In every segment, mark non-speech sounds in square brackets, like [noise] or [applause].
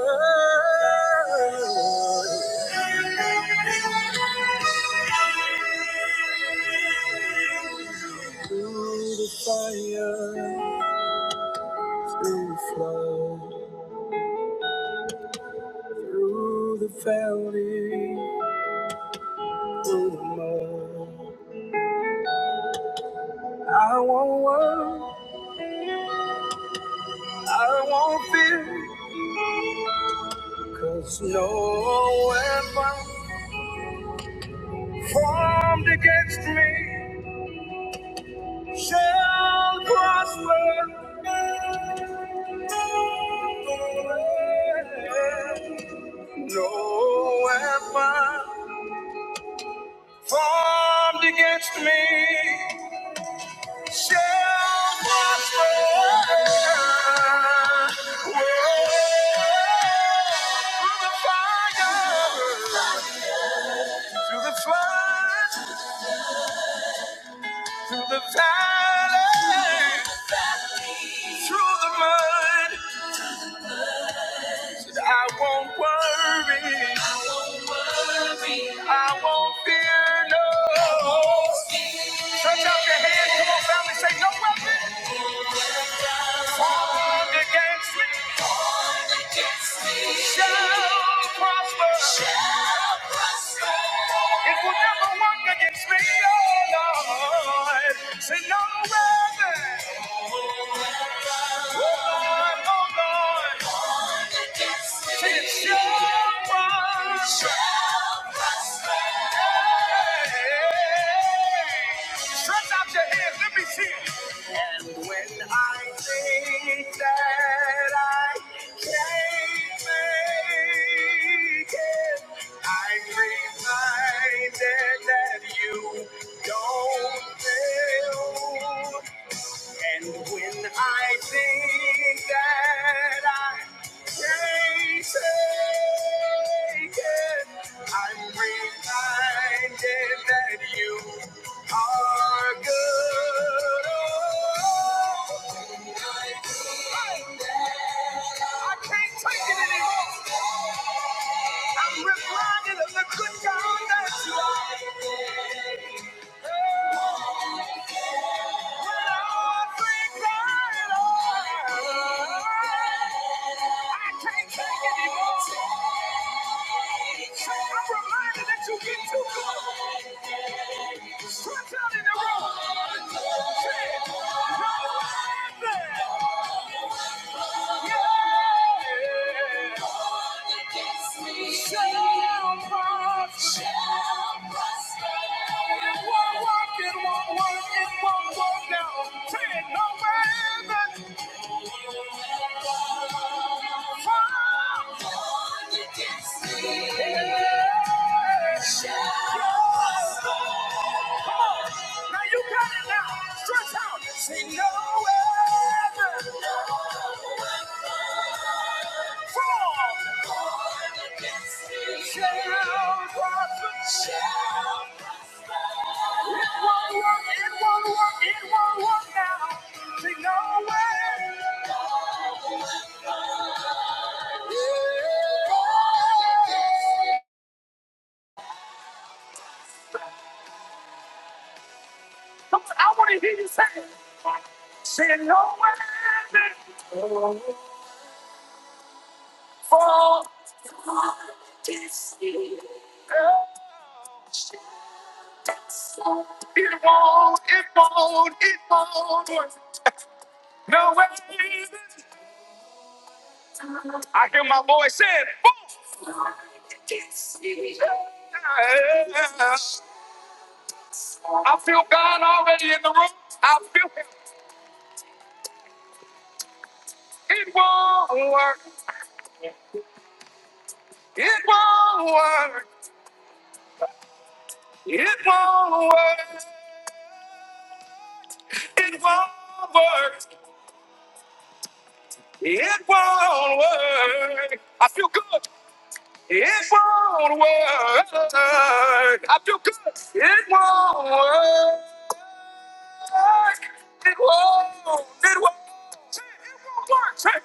Through the fire, through the flood, through the valley, through the mud. I won't worry, I won't fear, cause no weapon formed against me shall prosper. No weapon. formed against me shall prosper. Whoa, Through the fire, through the floods, through the valley, through the mud, I won't worry. I won't fear no. Stretch out your hand, come on, family, say no weapon formed against me. Shall prosper. Shall prosper. It will never work against me, oh Lord. Say no weapon. Oh Lord. oh Lord. Work against me. it shall prosper. Stretch out your hands, let me see it. And when I think that I can't make it, I'm reminded that you don't fail. And when I think that I can't take it, I'm reminded that you are good. Oh, I can't take it anymore. I'm reminded of the good God that you are. When I think that I I can't take it anymore. I'm reminded that you get too close. Stretch out in the room. Say, "Come on, man." Yeah. Shall prosper. It won't work, it won't work, it won't work now. Say it, no man. Fire. Now you got it now. Stretch out. Say no weapon. Form. Shall prosper. It won't work. It won't work. It won't work now. Say no weapon. It won't. It won't work. No way. I hear my voice saying, "Boom." I feel God already in the room. I feel Him. It won't work. It won't work. It won't work. It won't work. It won't work. I feel good. It won't work. I feel good. It won't work. It won't. It won't. It won't work.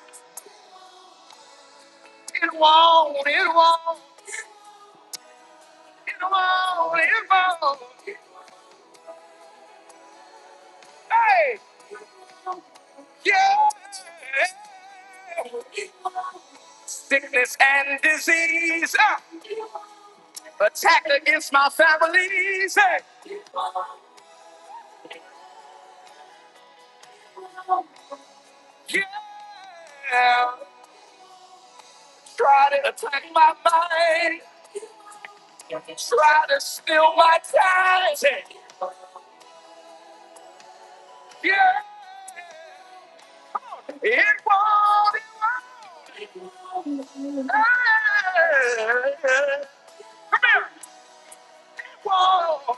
It won't. It won't. Come on, come on. Hey, yeah. Sickness and disease, uh, attack against my families. Hey, yeah. Try to attack my mind, try to steal my time. Hey, yeah, it won't. It won't. Hey. Come here. Whoa.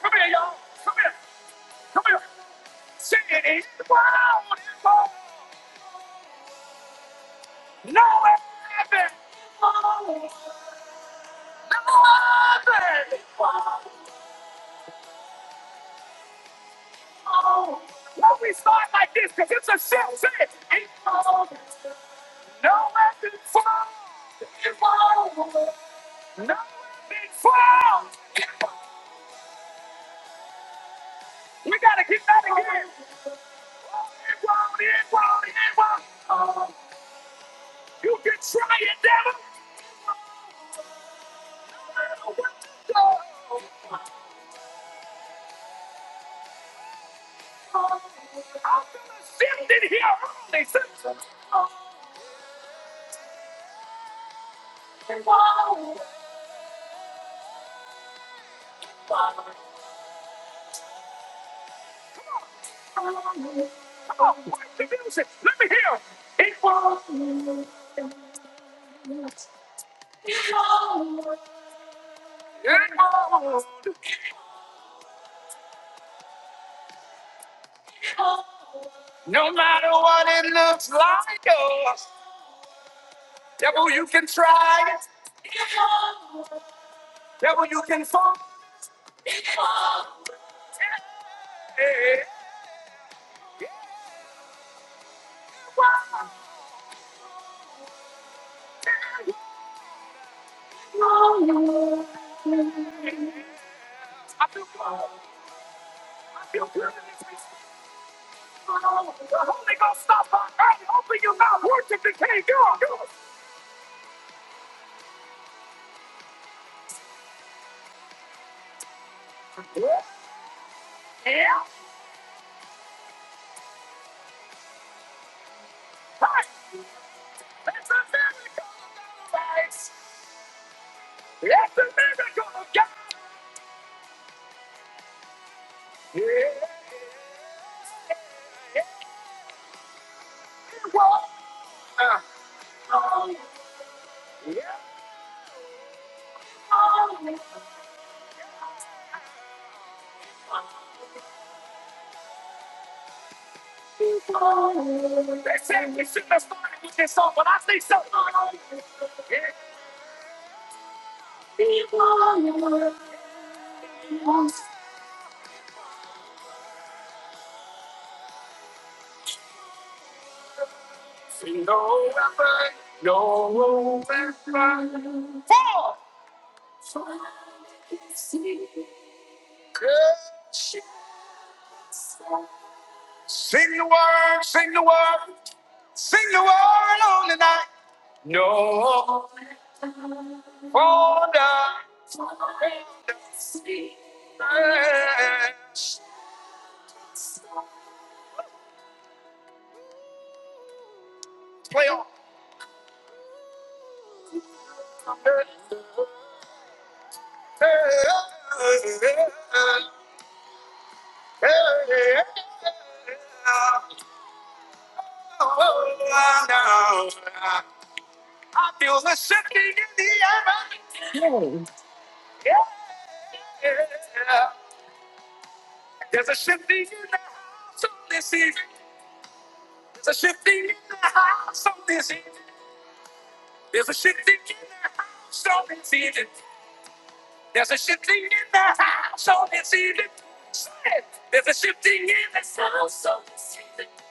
Come here, y'all. Come here. Come here. Say it. It won't. It won't. No weapon! Why we start like this? Because it's a shit shit. It won't. No weapon formed. It won't. No weapon formed. We gotta get that again. It won't, it won't, it won't. Oh, You can try it, devil. Oh, what the- oh, Shift it here early. Shift- Come on, work the music. Let me hear. It won't. Girl, no matter what it looks like, oh, devil, you can try it. Devil, you can fall. Hey, yeah, why? I feel good. I feel good. in this place. Oh, The Holy Ghost stop by early. Open your mouth. Worship the King. Go on, go on. Yeah. Right. It's a miracle of God's grace. It's a miracle of God. Yeah. Yeah. Uh, yeah. They said we should have started with this song, but I think so. It's November, November. Four. Good. shit. Sing the word, sing the word, sing the word on the night. No wonder. Play on. Yeah. I feel the shifting in the air. Yeah. There's a shifting in the house on this evening. There's a shifting in the house on this evening. There's a shifting in the house on this evening. There's a shifting in the house on this evening. Say it. There's a shifting in this.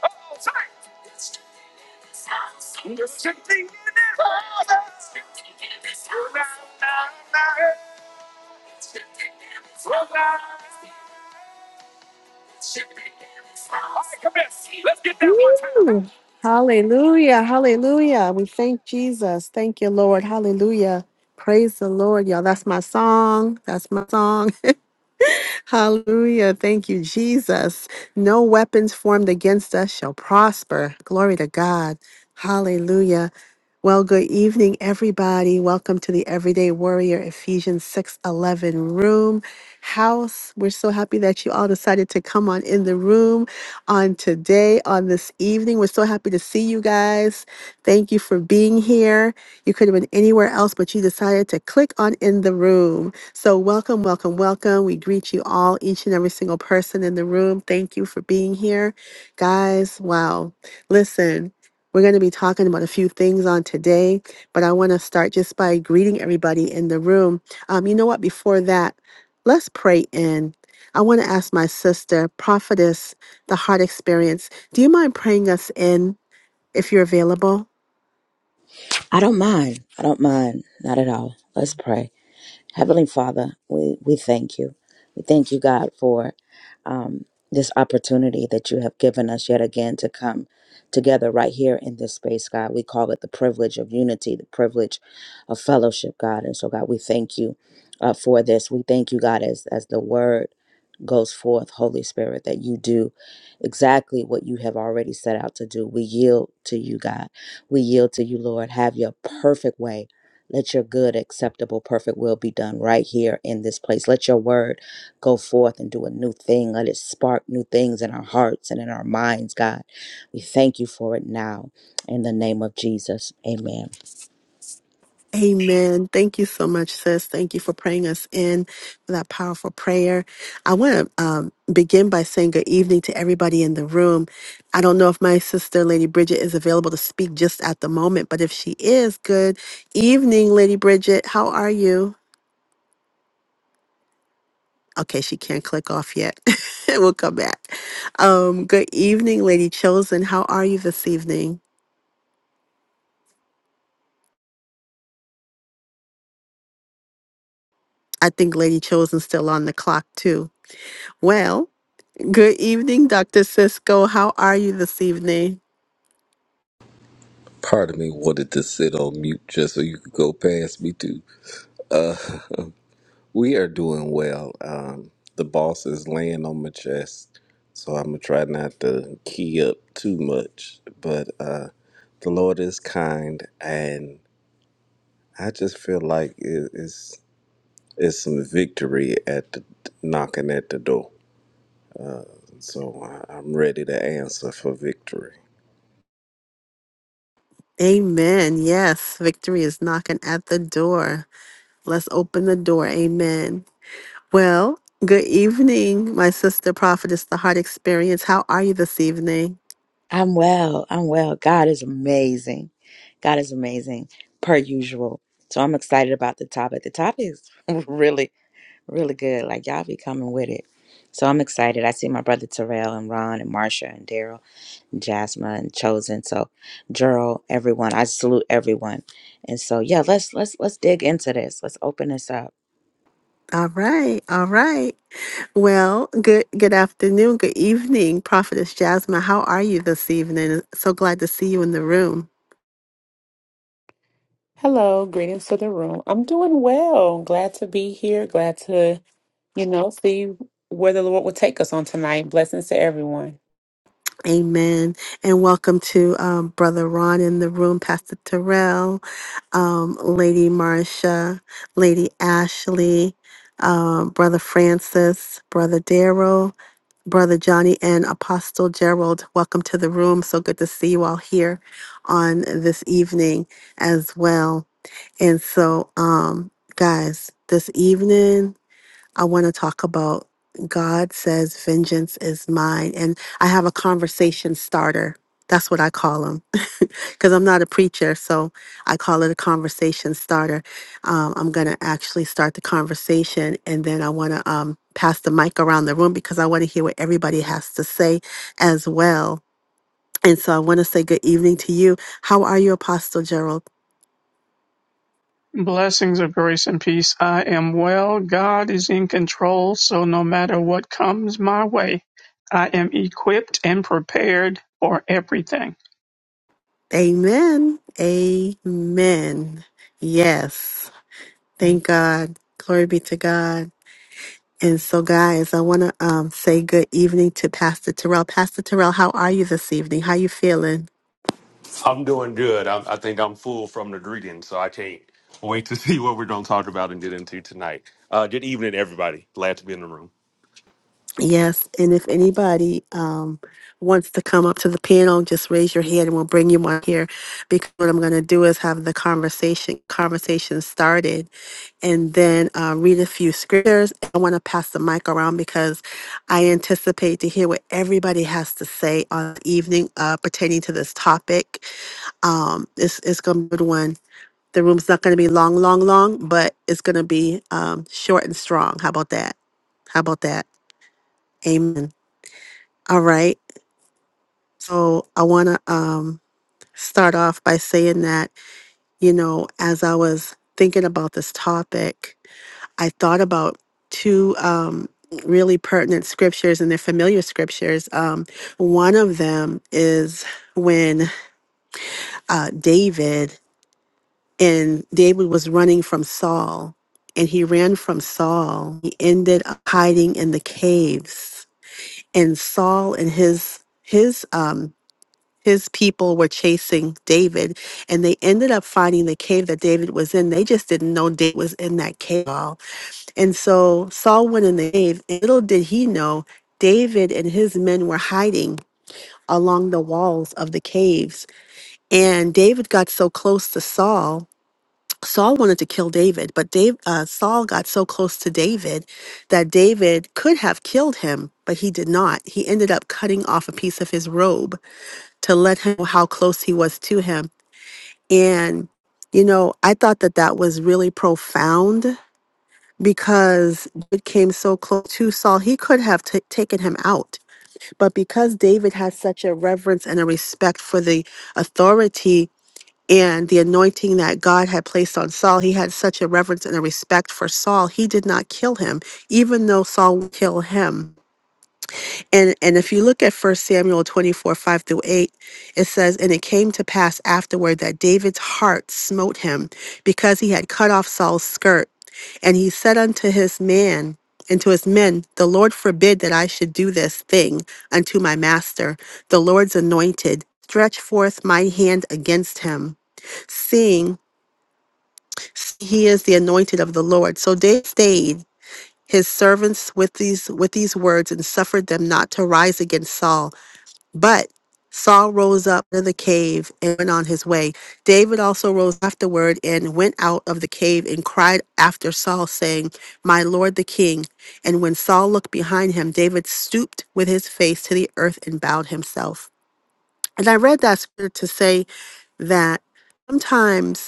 Oh, say it. There's a shifting in the house. There's a Shifting in this house. There's a shifting in this house. right, Woo! Hallelujah. Hallelujah. We thank Jesus. Thank you, Lord. Hallelujah. Praise the Lord, y'all. That's my song. That's my song. [laughs] Hallelujah. Thank you, Jesus. No weapons formed against us shall prosper. Glory to God. Hallelujah. Well, good evening, everybody. Welcome to the Everyday Warrior Ephesians 611 room house. We're so happy that you all decided to come on in the room on today, on this evening. We're so happy to see you guys. Thank you for being here. You could have been anywhere else, but you decided to click on in the room. So, welcome, welcome, welcome. We greet you all, each and every single person in the room. Thank you for being here, guys. Wow. Listen. We're going to be talking about a few things on today, but I want to start just by greeting everybody in the room. Um, you know what? Before that, let's pray in. I want to ask my sister, prophetess, the heart experience, do you mind praying us in if you're available? I don't mind. I don't mind. Not at all. Let's pray. Heavenly Father, we, we thank you. We thank you, God, for um, this opportunity that you have given us yet again to come together right here in this space, God. We call it the privilege of unity, the privilege of fellowship, God. And so, God, we thank you uh, for this. We thank you, God, as, as the word goes forth, Holy Spirit, that you do exactly what you have already set out to do. We yield to you, God. We yield to you, Lord. Have your perfect way let your good, acceptable, perfect will be done right here in this place. Let your word go forth and do a new thing. Let it spark new things in our hearts and in our minds, God. We thank you for it now in the name of Jesus. Amen. Amen. Thank you so much, sis. Thank you for praying us in for that powerful prayer. I want to um, begin by saying good evening to everybody in the room. I don't know if my sister, Lady Bridget, is available to speak just at the moment, but if she is, good evening, Lady Bridget. How are you? Okay, she can't click off yet. [laughs] we'll come back. Um, good evening, Lady Chosen. How are you this evening? I think Lady Chosen's still on the clock, too. Well, Good evening, Dr. Cisco. How are you this evening? Part of me wanted to sit on mute just so you could go past me too. Uh, [laughs] we are doing well. Um, the boss is laying on my chest, so I'm gonna try not to key up too much. But uh, the Lord is kind, and I just feel like it, it's it's some victory at the knocking at the door. So I, I'm ready to answer for victory. Amen. Yes, victory is knocking at the door. Let's open the door. Amen. Well, good evening, my sister prophetess, the heart experience. How are you this evening? I'm well. I'm well. God is amazing. God is amazing, per usual. So I'm excited about the topic. The topic is [laughs] really, really good. Like, y'all be coming with it. So I'm excited. I see my brother Terrell and Ron and Marsha and Daryl Jasmine and Chosen. So Gerald, everyone, I salute everyone. And so yeah, let's let's let's dig into this. Let's open this up. All right, all right. Well, good good afternoon, good evening, prophetess Jasmine. How are you this evening? So glad to see you in the room. Hello, greetings to the room. I'm doing well. Glad to be here. Glad to, you know, see where the Lord will take us on tonight. Blessings to everyone. Amen. And welcome to um, Brother Ron in the room, Pastor Terrell, um, Lady Marsha, Lady Ashley, um, Brother Francis, Brother Daryl, Brother Johnny, and Apostle Gerald. Welcome to the room. So good to see you all here on this evening as well. And so, um, guys, this evening, I want to talk about God says, Vengeance is mine. And I have a conversation starter. That's what I call them because [laughs] I'm not a preacher. So I call it a conversation starter. Um, I'm going to actually start the conversation and then I want to um, pass the mic around the room because I want to hear what everybody has to say as well. And so I want to say good evening to you. How are you, Apostle Gerald? Blessings of grace and peace. I am well. God is in control. So no matter what comes my way, I am equipped and prepared for everything. Amen. Amen. Yes. Thank God. Glory be to God. And so, guys, I want to um, say good evening to Pastor Terrell. Pastor Terrell, how are you this evening? How you feeling? I'm doing good. I, I think I'm full from the greeting, so I can't wait to [laughs] see what we're going to talk about and get into tonight. Uh, good evening, everybody. Glad to be in the room. Yes, and if anybody um, wants to come up to the panel, just raise your hand and we'll bring you on here. Because what I'm going to do is have the conversation conversation started, and then uh, read a few scriptures. I want to pass the mic around because I anticipate to hear what everybody has to say on the evening uh, pertaining to this topic. Um, it's it's going to be a good one. The room's not going to be long, long, long, but it's going to be um, short and strong. How about that? How about that? Amen. All right. So I want to um, start off by saying that, you know, as I was thinking about this topic, I thought about two um, really pertinent scriptures and they're familiar scriptures. Um, one of them is when uh, David and David was running from Saul and he ran from Saul. He ended up hiding in the caves and Saul and his his um his people were chasing David and they ended up finding the cave that David was in. They just didn't know David was in that cave at all. And so Saul went in the cave, and little did he know, David and his men were hiding along the walls of the caves. And David got so close to Saul. Saul wanted to kill David, but Dave, uh, Saul got so close to David that David could have killed him, but he did not. He ended up cutting off a piece of his robe to let him know how close he was to him. And, you know, I thought that that was really profound because David came so close to Saul, he could have ta taken him out. But because David had such a reverence and a respect for the authority and the anointing that God had placed on Saul, he had such a reverence and a respect for Saul, he did not kill him, even though Saul would kill him. And and if you look at First Samuel 24, 5 through 8, it says, And it came to pass afterward that David's heart smote him because he had cut off Saul's skirt. And he said unto his man, and to his men, The Lord forbid that I should do this thing unto my master, the Lord's anointed. Stretch forth my hand against him, seeing he is the anointed of the Lord. So David stayed his servants with these with these words and suffered them not to rise against Saul. But Saul rose up out of the cave and went on his way. David also rose afterward and went out of the cave and cried after Saul, saying, My lord the king. And when Saul looked behind him, David stooped with his face to the earth and bowed himself. And I read that scripture to say that sometimes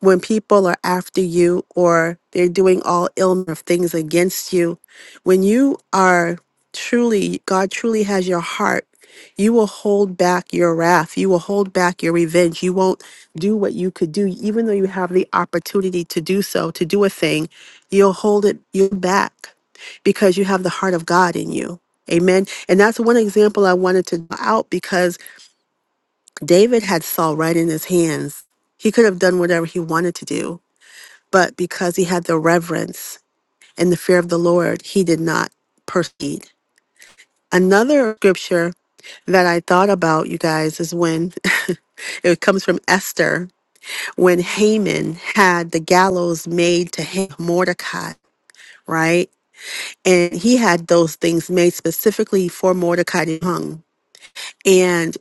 when people are after you or they're doing all ill of things against you, when you are truly, God truly has your heart, you will hold back your wrath. You will hold back your revenge. You won't do what you could do, even though you have the opportunity to do so, to do a thing, you'll hold it you back because you have the heart of God in you. Amen. And that's one example I wanted to draw out because David had Saul right in his hands. He could have done whatever he wanted to do but because he had the reverence and the fear of the Lord, he did not proceed. Another scripture that I thought about, you guys, is when [laughs] it comes from Esther, when Haman had the gallows made to hang Mordecai, right? And he had those things made specifically for Mordecai to be hung. and.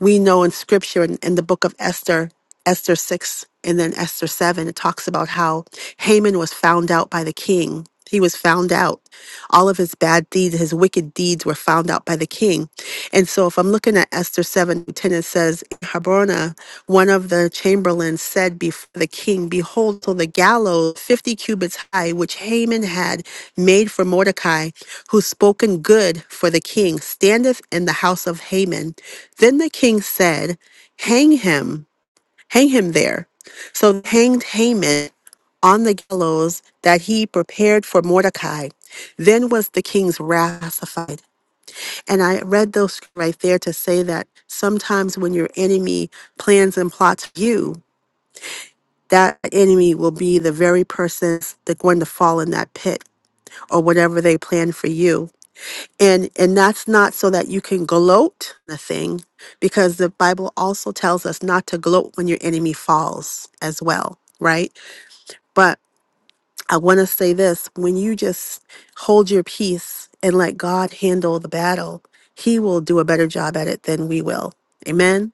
we know in scripture in, in the book of Esther, Esther 6 and then Esther 7, it talks about how Haman was found out by the king. He was found out. All of his bad deeds, his wicked deeds were found out by the king. And so if I'm looking at Esther 7, 10, it says, Abona, one of the chamberlains, said before the king, Behold, till the gallows fifty cubits high, which Haman had made for Mordecai, who spoken good for the king, standeth in the house of Haman. Then the king said, Hang him, hang him there. So they hanged Haman on the gallows that he prepared for Mordecai. Then was the king's wrath pacified. And I read those right there to say that sometimes when your enemy plans and plots you, that enemy will be the very person that's going to fall in that pit or whatever they plan for you. And and that's not so that you can gloat the thing, because the Bible also tells us not to gloat when your enemy falls as well, right? but. I want to say this when you just hold your peace and let God handle the battle, He will do a better job at it than we will. Amen.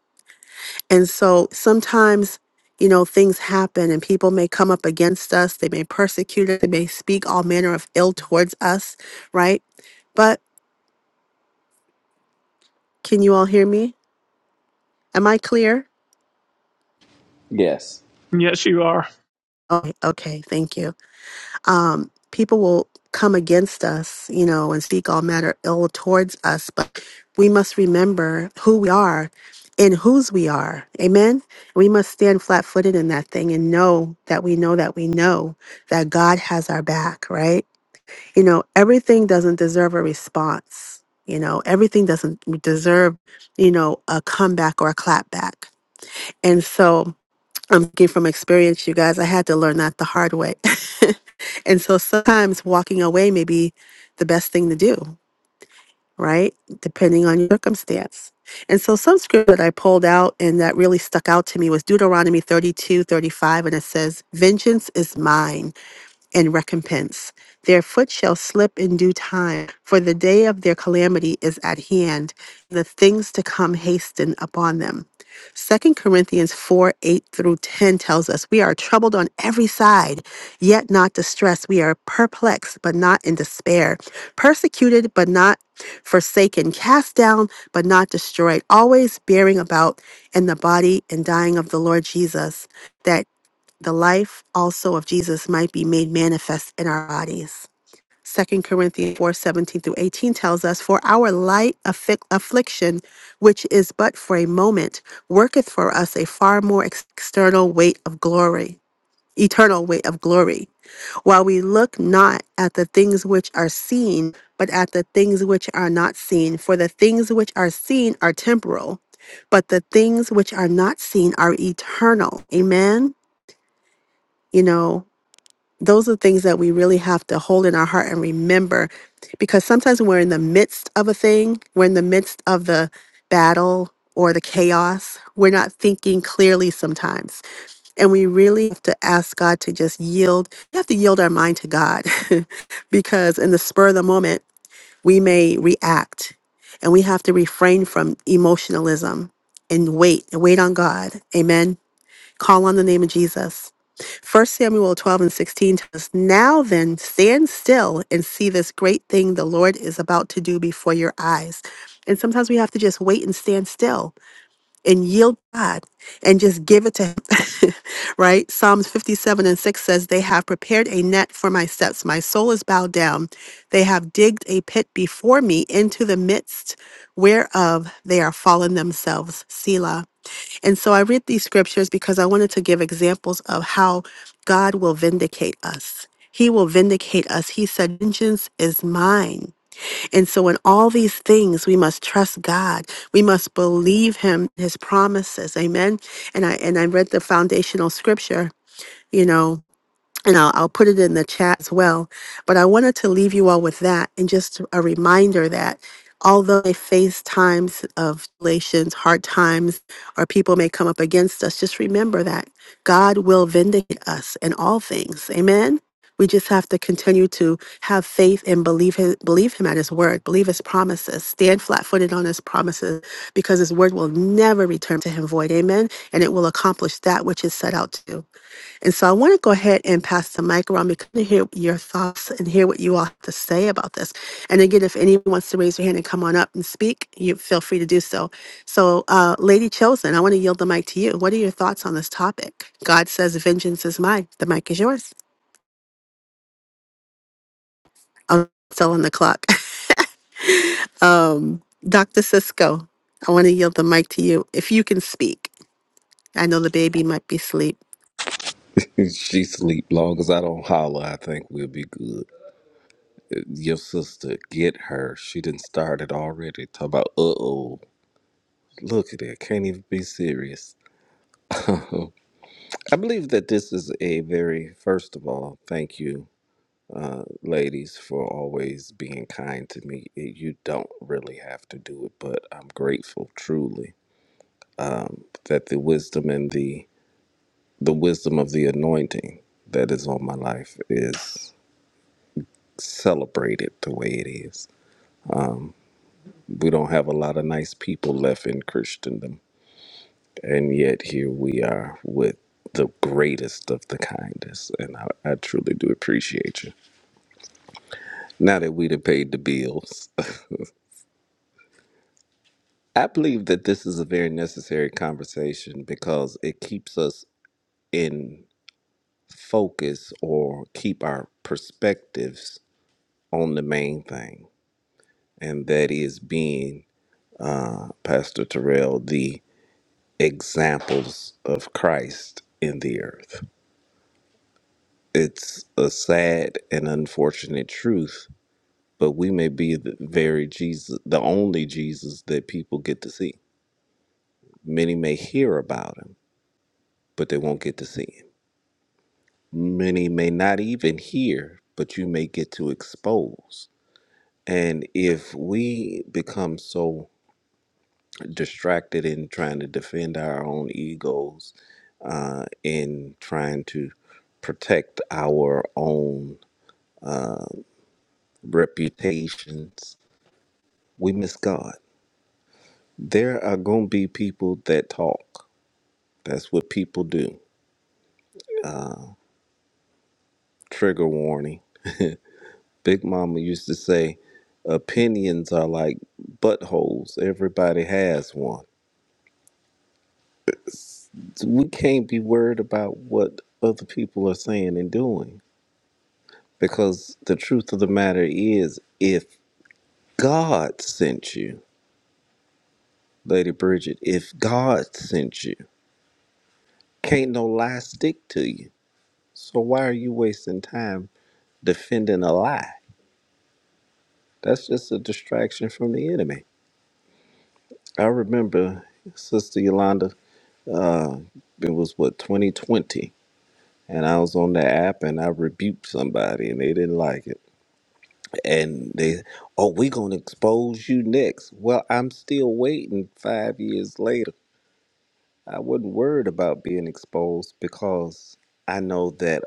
And so sometimes, you know, things happen and people may come up against us. They may persecute us. They may speak all manner of ill towards us, right? But can you all hear me? Am I clear? Yes. [laughs] Yes, you are. Oh, okay. Thank you. um, people will come against us, you know, and speak all manner ill towards us, but we must remember who we are and whose we are. Amen. We must stand flat footed in that thing and know that we know that we know that God has our back, right? You know, everything doesn't deserve a response. You know, everything doesn't deserve, you know, a comeback or a clap back. And so I'm speaking from experience, you guys. I had to learn that the hard way. [laughs] and so sometimes walking away may be the best thing to do, right? Depending on your circumstance. And so some scripture that I pulled out and that really stuck out to me was Deuteronomy 32:35, and it says, Vengeance is mine and recompense. Their foot shall slip in due time, for the day of their calamity is at hand. The things to come hasten upon them. Second Corinthians 4 8 through 10 tells us, We are troubled on every side, yet not distressed. We are perplexed, but not in despair. Persecuted, but not forsaken. Cast down, but not destroyed. Always bearing about in the body and dying of the Lord Jesus that the life also of Jesus might be made manifest in our bodies. Second Corinthians 4 17 through 18 tells us, For our light affi- affliction, which is but for a moment, worketh for us a far more ex- external weight of glory, eternal weight of glory, while we look not at the things which are seen, but at the things which are not seen. For the things which are seen are temporal, but the things which are not seen are eternal. Amen. You know, those are things that we really have to hold in our heart and remember because sometimes when we're in the midst of a thing, we're in the midst of the battle or the chaos, we're not thinking clearly sometimes. And we really have to ask God to just yield. We have to yield our mind to God [laughs] because in the spur of the moment, we may react and we have to refrain from emotionalism and wait, wait on God. Amen. Call on the name of Jesus First Samuel 12 and 16 tells us, Now then, stand still and see this great thing the Lord is about to do before your eyes. And sometimes we have to just wait and stand still and yield to God and just give it to Him. [laughs] right? Psalms 57 and 6 says, They have prepared a net for my steps. My soul is bowed down. They have digged a pit before me into the midst whereof they are fallen themselves. Selah. And so I read these scriptures because I wanted to give examples of how God will vindicate us. He will vindicate us. He said, Vengeance is mine. And so, in all these things, we must trust God. We must believe Him, His promises. Amen. And I and I read the foundational scripture. You know and I'll, I'll put it in the chat as well. But I wanted to leave you all with that and just a reminder that although they face times of tribulations, hard times, or people may come up against us, just remember that God will vindicate us in all things. Amen. We just have to continue to have faith and believe him, believe him at his word, believe his promises, stand flat footed on his promises, because his word will never return to him void. Amen. And it will accomplish that which is set out to. do. And so I want to go ahead and pass the mic around because I want to hear your thoughts and hear what you all have to say about this. And again, if anyone wants to raise your hand and come on up and speak, you feel free to do so. So, uh, Lady Chosen, I want to yield the mic to you. What are your thoughts on this topic? God says, "Vengeance is mine." The mic is yours. I'm still on the clock. [laughs] um, Dr. Cisco, I want to yield the mic to you if you can speak. I know the baby might be asleep. If She sleep long as I don't holler. I think we'll be good. Your sister, get her. She didn't start it already. Talk about, uh oh, look at it. Can't even be serious. [laughs] Oh. I believe that this is a very, first of all, thank you, ladies, for always being kind to me. You don't really have to do it, but I'm grateful truly that the wisdom and the the wisdom of the anointing that is on my life is celebrated the way it is. We don't have a lot of nice people left in Christendom and yet here we are with the greatest of the kindest and i, I truly do appreciate you now that we'd have paid the bills [laughs] i believe that this is a very necessary conversation because it keeps us in focus or keep our perspectives on the main thing and that is being uh, pastor terrell the examples of christ in the earth it's a sad and unfortunate truth but we may be the very Jesus, the only Jesus that people get to see. Many may hear about him, but they won't get to see him. Many may not even hear, but you may get to expose. And if we become so distracted in trying to defend our own egos, uh, in trying to protect our own reputations, we miss God. There are going to be people that talk That's what people do. Trigger warning. Big Mama used to say, opinions are like buttholes. Everybody has one. So We can't be worried about what other people are saying and doing because the truth of the matter is if God sent you, Lady Bridget, if God sent you, can't no lie stick to you. So why are you wasting time defending a lie? That's just a distraction from the enemy. I remember Sister Yolanda, it was what, 2020. And I was on the app and I rebuked somebody and they didn't like it. And they, oh, we going to expose you next. Well, I'm still waiting five years later. I wasn't worried about being exposed because I know that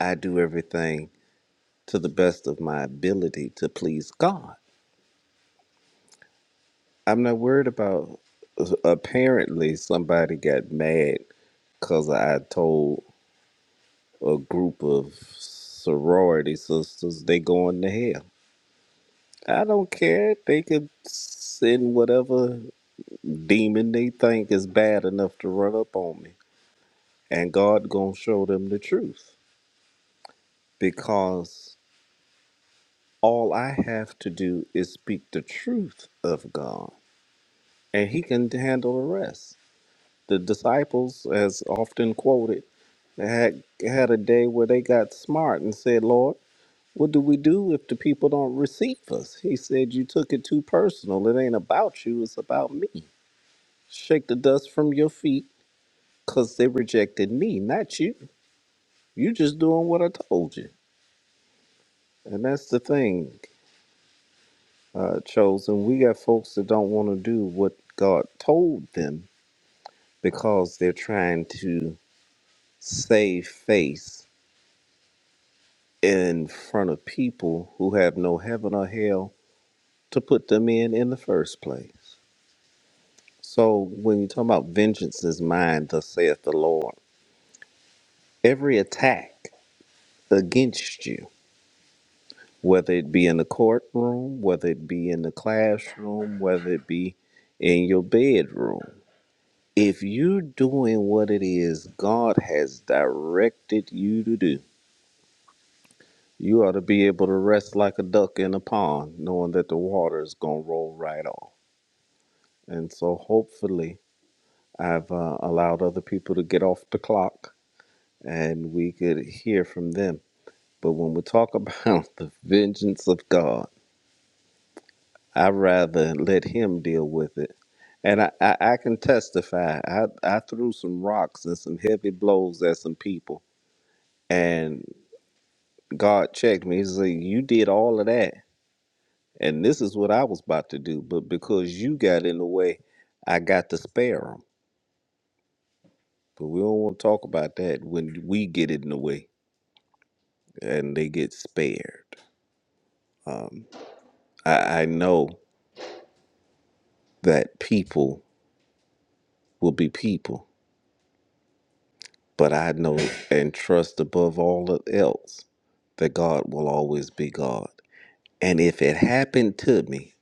I do everything to the best of my ability to please God. I'm not worried about uh, apparently somebody got mad because I told a group of sorority sisters, they going to hell. I don't care. They could send whatever demon they think is bad enough to run up on me. And God gonna show them the truth. Because all I have to do is speak the truth of God. And he can handle the rest. The disciples, as often quoted, had had a day where they got smart and said, Lord, What do we do if the people don't receive us? He said, You took it too personal. It ain't about you, it's about me. Shake the dust from your feet because they rejected me, not you. You just doing what I told you. And that's the thing, uh, Chosen. We got folks that don't want to do what God told them because they're trying to save face in front of people who have no heaven or hell to put them in in the first place. So when you talk about vengeance is mine, thus saith the Lord. Every attack against you, whether it be in the courtroom, whether it be in the classroom, whether it be in your bedroom, if you're doing what it is God has directed you to do, you ought to be able to rest like a duck in a pond, knowing that the water is going to roll right off. And so hopefully, I've uh, allowed other people to get off the clock and we could hear from them. But when we talk about [laughs] the vengeance of God, I'd rather let Him deal with it. And I, I, I can testify, I, I threw some rocks and some heavy blows at some people, and God checked me. He said, You did all of that, and this is what I was about to do. But because you got in the way, I got to spare them. But we don't want to talk about that when we get in the way and they get spared. I, I know. that people will be people. But I know and trust above all else that God will always be God. And if it happened to me,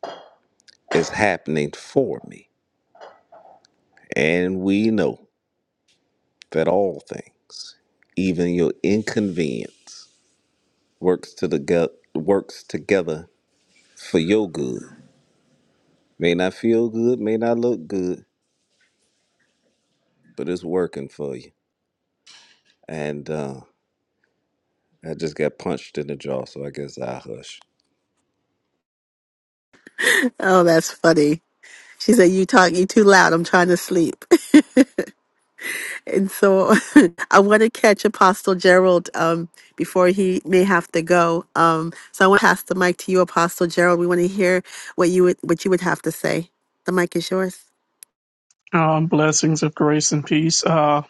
it's happening for me. And we know that all things, even your inconvenience, works to the go- works together for your good. May not feel good, may not look good, but it's working for you. And uh, I just got punched in the jaw, so I guess I hush. Oh, that's funny. She said, "You talk, you too loud. I'm trying to sleep." [laughs] And so [laughs] I want to catch Apostle Gerald um, before he may have to go. Um, so I want to pass the mic to you, Apostle Gerald. We want to hear what you would what you would have to say. The mic is yours. Uh, blessings of grace and peace. Uh,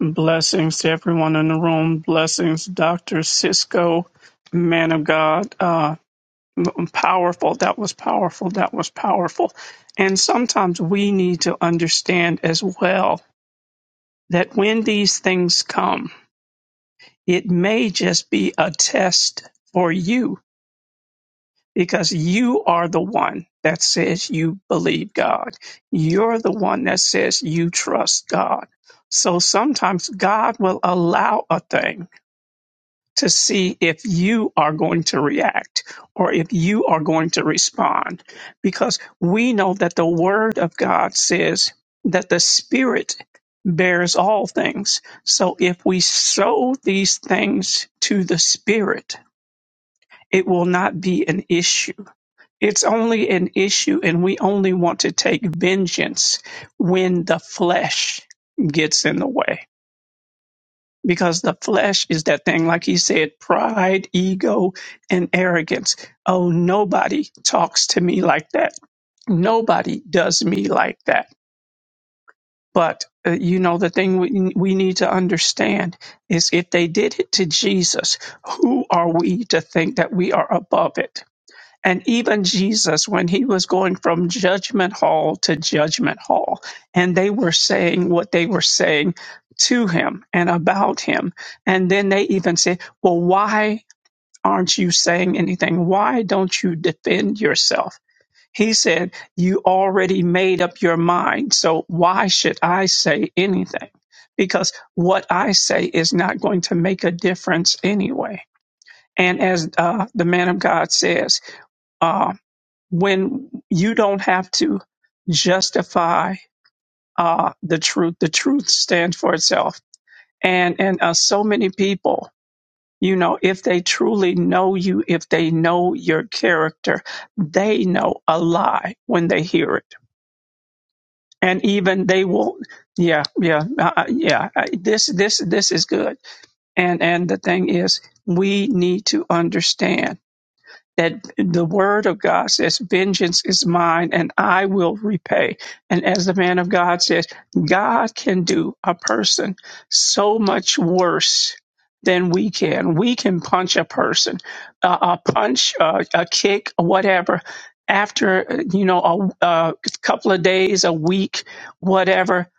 blessings to everyone in the room. Blessings, Dr. Cisco, man of God. Uh, powerful. That was powerful. That was powerful. And sometimes we need to understand as well that when these things come, It may just be a test for you because you are the one that says you believe God. You're the one that says you trust God. So sometimes God will allow a thing to see if you are going to react or if you are going to respond. Because we know that the Word of God says that the Spirit bears all things. So if we sow these things to the Spirit, it will not be an issue. It's only an issue, and we only want to take vengeance when the flesh gets in the way because the flesh is that thing, like he said, pride, ego, and arrogance. Oh, nobody talks to me like that. Nobody does me like that. But uh, you know, the thing we, we need to understand is if they did it to Jesus, who are we to think that we are above it? And even Jesus, when he was going from judgment hall to judgment hall, and they were saying what they were saying to him and about him. And then they even said, Well, why aren't you saying anything? Why don't you defend yourself? He said, You already made up your mind, so why should I say anything? Because what I say is not going to make a difference anyway. And as uh, the man of God says, uh, when you don't have to justify uh, the truth. The truth stands for itself. And and uh, so many people, you know, if they truly know you, if they know your character, they know a lie when they hear it, and even they will. Yeah, yeah, uh, uh, yeah. I- This this this is good. And and the thing is, we need to understand. that the word of God says, Vengeance is mine and I will repay. And as the man of God says, God can do a person so much worse than we can. We can punch a person, uh, a punch, uh, a kick, whatever. After, uh, you know, a, a couple of days, a week, whatever,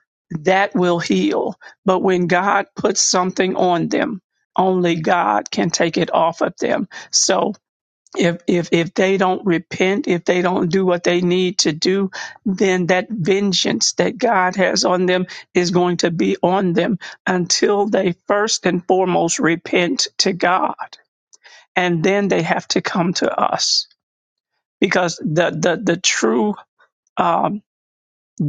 that will heal. But when God puts something on them, only God can take it off of them. So, if if if they don't repent, if they don't do what they need to do, then that vengeance that God has on them is going to be on them until they first and foremost repent to God, and then they have to come to us because the the the true. um,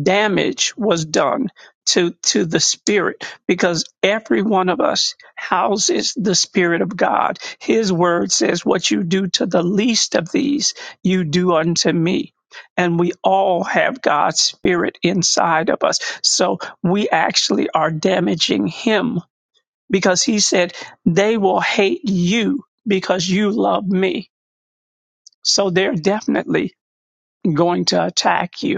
damage was done to to the spirit because every one of us houses the spirit of God. His word says what you do to the least of these you do unto me. And we all have God's spirit inside of us. So we actually are damaging him because he said they will hate you because you love me. So they're definitely going to attack you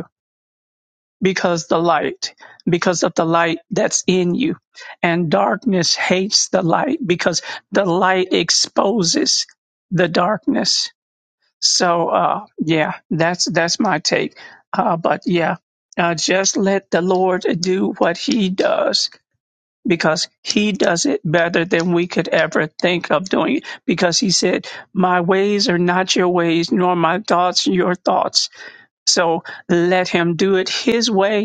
because the light because of the light that's in you and darkness hates the light because the light exposes the darkness so uh yeah that's that's my take uh but yeah uh just let the lord do what he does because he does it better than we could ever think of doing it because he said my ways are not your ways nor my thoughts your thoughts so let him do it his way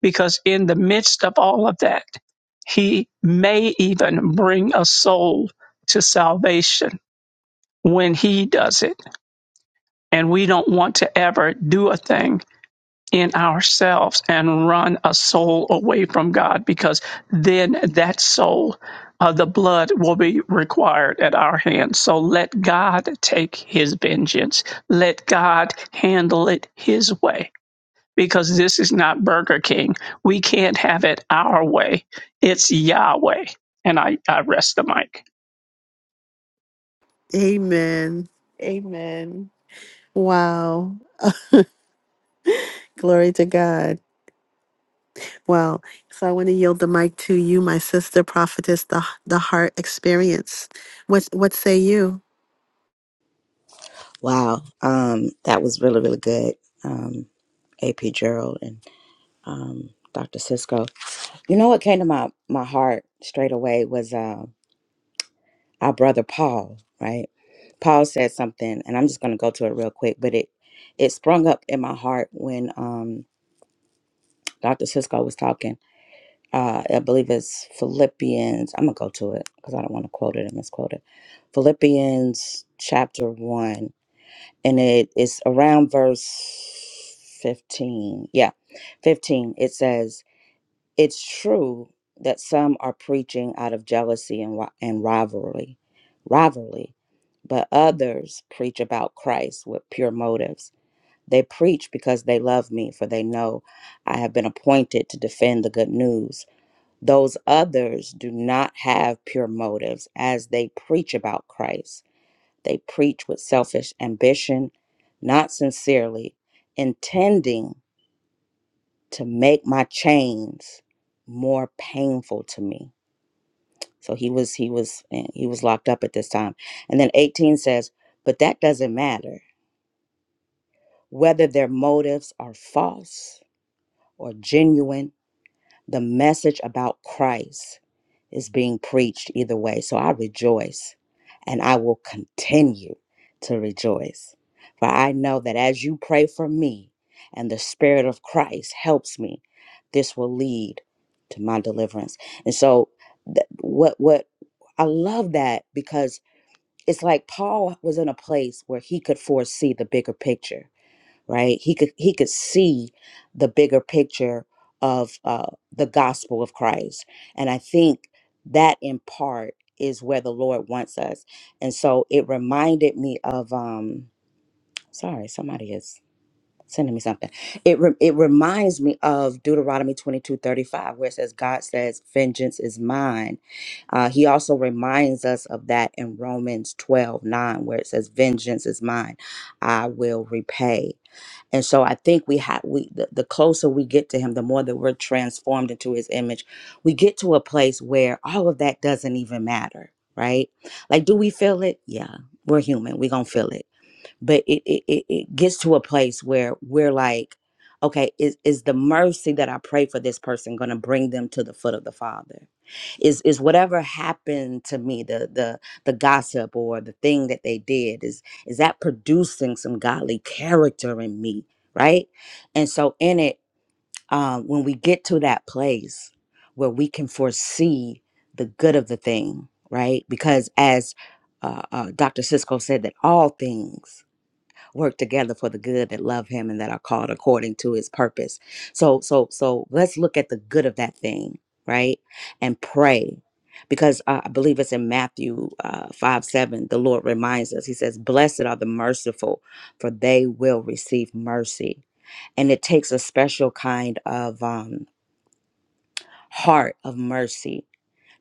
because in the midst of all of that, he may even bring a soul to salvation when he does it. And we don't want to ever do a thing in ourselves and run a soul away from God because then that soul, uh, the blood will be required at our hands. So let God take his vengeance, let God handle it his way because this is not Burger King. We can't have it our way. It's Yahweh. And I, I rest the mic. Amen. Amen. Wow. Glory to God. Wow. So I want to yield the mic to you, my sister prophetess, the the heart experience. What what say you? Wow. Um that was really, really good. Um AP Gerald and um Dr. Cisco. You know what came to my my heart straight away was uh, our brother Paul, right? Paul said something and I'm just gonna go to it real quick, but it it sprung up in my heart when um Dr. Cisco was talking uh, I believe it's Philippians. I'm gonna go to it because I don't want to quote it and misquote it. Philippians chapter one, and it is around verse fifteen. Yeah, fifteen. It says, "It's true that some are preaching out of jealousy and ri- and rivalry, rivalry, but others preach about Christ with pure motives." They preach because they love me, for they know I have been appointed to defend the good news. Those others do not have pure motives as they preach about Christ. They preach with selfish ambition, not sincerely, intending to make my chains more painful to me. So he was he was eh, he was locked up at this time. And then 18 says, "But that doesn't matter whether their motives are false or genuine The message about Christ is being preached either way. So I rejoice and I will continue to rejoice. For I know that as you pray for me and the Spirit of Christ helps me, this will lead to my deliverance. And so, th- what, what I love that because it's like Paul was in a place where he could foresee the bigger picture right he could he could see the bigger picture of uh, the gospel of christ and i think that in part is where the lord wants us and so it reminded me of um sorry somebody is sending me something. It re- it reminds me of Deuteronomy twenty two thirty five, where it says, "God says, vengeance is mine." Uh, he also reminds us of that in Romans twelve nine, where it says, "Vengeance is mine; I will repay." And so I think we have we the, the closer we get to Him, the more that we're transformed into His image. We get to a place where all of that doesn't even matter, right? Like, do we feel it? Yeah, we're human. We gonna feel it but it it, it it gets to a place where we're like okay is is the mercy that i pray for this person going to bring them to the foot of the father is is whatever happened to me the the the gossip or the thing that they did is is that producing some godly character in me right and so in it um when we get to that place where we can foresee the good of the thing right because as uh, uh, dr cisco said that all things work together for the good that love him and that are called according to his purpose. So so so let's look at the good of that thing, right? And pray. Because uh, I believe it's in Matthew uh, 5 7, the Lord reminds us, He says, Blessed are the merciful, for they will receive mercy. And it takes a special kind of um, heart of mercy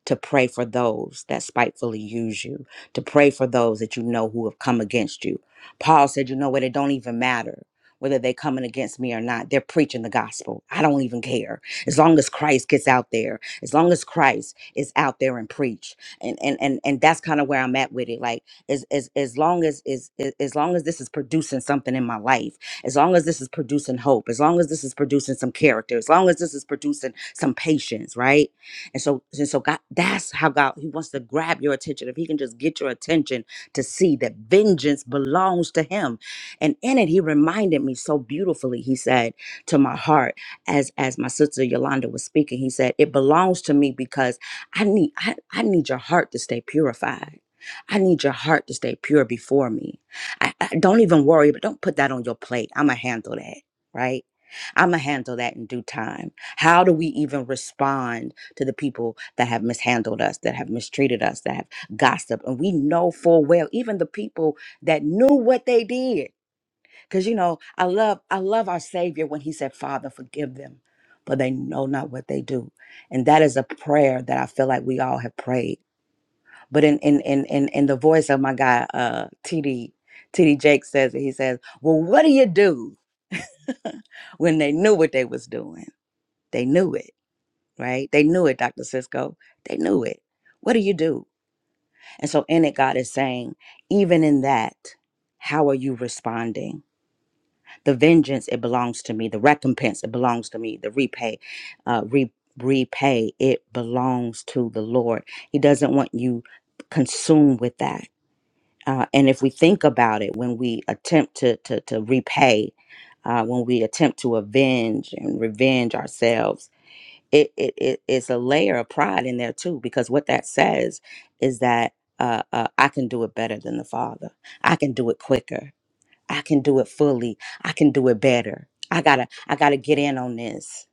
to pray for those that spitefully use you, to pray for those that you know who have come against you. Paul said, You know what? It don't even matter whether they're coming against me or not. They're preaching the gospel. I don't even care. As long as Christ gets out there, as long as Christ is out there and preach. And and and, and that's kind of where I'm at with it. Like as as as long as is as as long as this is producing something in my life, as long as this is producing hope, as long as this is producing some character, as long as this is producing some patience, right? And so, and so God, that's how God, He wants to grab your attention. If He can just get your attention to see that vengeance belongs to Him. And in it, He reminded me so beautifully. He said to my heart, as as my sister Yolanda was speaking, He said, It belongs to me because I need I, I need your heart to stay purified. I need your heart to stay pure before me. I, I don't even worry, but don't put that on your plate. I'ma handle that, right? I'ma handle that in due time. How do we even respond? to the people that have mishandled us, that have mistreated us, that have gossiped. And we know full well, even the people that knew what they did. Because you know, I love, I love our Savior when He said, Father, forgive them, for they know not what they do. And that is a prayer that I feel like we all have prayed. But in in in in, in the voice of my guy, uh TD, Jake says it, he says, Well, what do you do [laughs] when they knew what they was doing? They knew it right? They knew it, Dr. Cisco. They knew it. What do you do? And so in it, God is saying, even in that, how are you responding? The vengeance, it belongs to me. The recompense, it belongs to me. The repay, uh, re- repay, it belongs to the Lord. He doesn't want you consumed with that. Uh, and if we think about it, when we attempt to to, to repay, uh, when we attempt to avenge and revenge ourselves, it, it, it it's a layer of pride in there too because what that says is that uh, uh, i can do it better than the father i can do it quicker i can do it fully i can do it better i gotta i gotta get in on this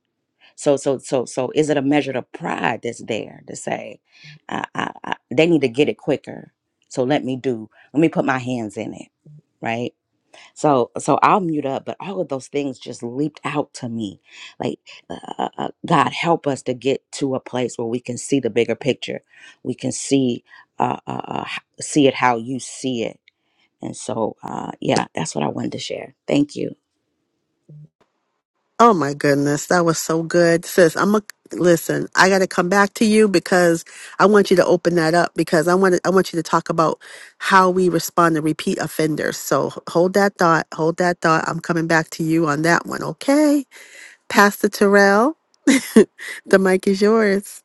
so so so so is it a measure of pride that's there to say I, I, I, they need to get it quicker so let me do let me put my hands in it right so so I'll mute up, but all of those things just leaped out to me. Like uh, uh, uh, God help us to get to a place where we can see the bigger picture. We can see uh, uh, uh, h- see it how you see it. And so uh, yeah, that's what I wanted to share. Thank you. Oh my goodness, that was so good. Sis, I'm a listen, I got to come back to you because I want you to open that up because I want to, I want you to talk about how we respond to repeat offenders. So h- hold that thought, hold that thought. I'm coming back to you on that one, okay? Pastor Terrell, [laughs] the mic is yours.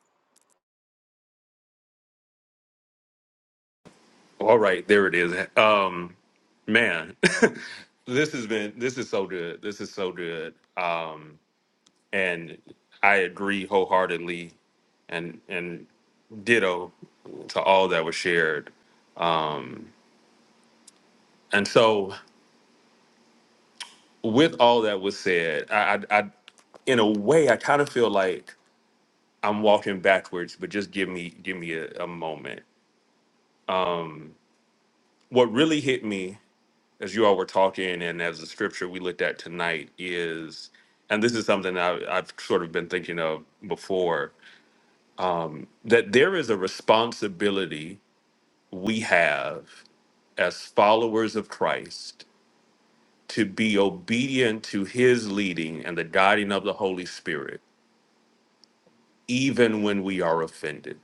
All right, there it is. Um, man, [laughs] this has been this is so good. This is so good. Um, and I agree wholeheartedly, and and ditto to all that was shared. Um, and so, with all that was said, I, I, I in a way, I kind of feel like I'm walking backwards, but just give me give me a, a moment. What really hit me as you all were talking and as the scripture we looked at tonight is, and this is something I, I've sort of been thinking of before, that there is a responsibility we have as followers of Christ to be obedient to his leading and the guiding of the Holy Spirit, even when we are offended.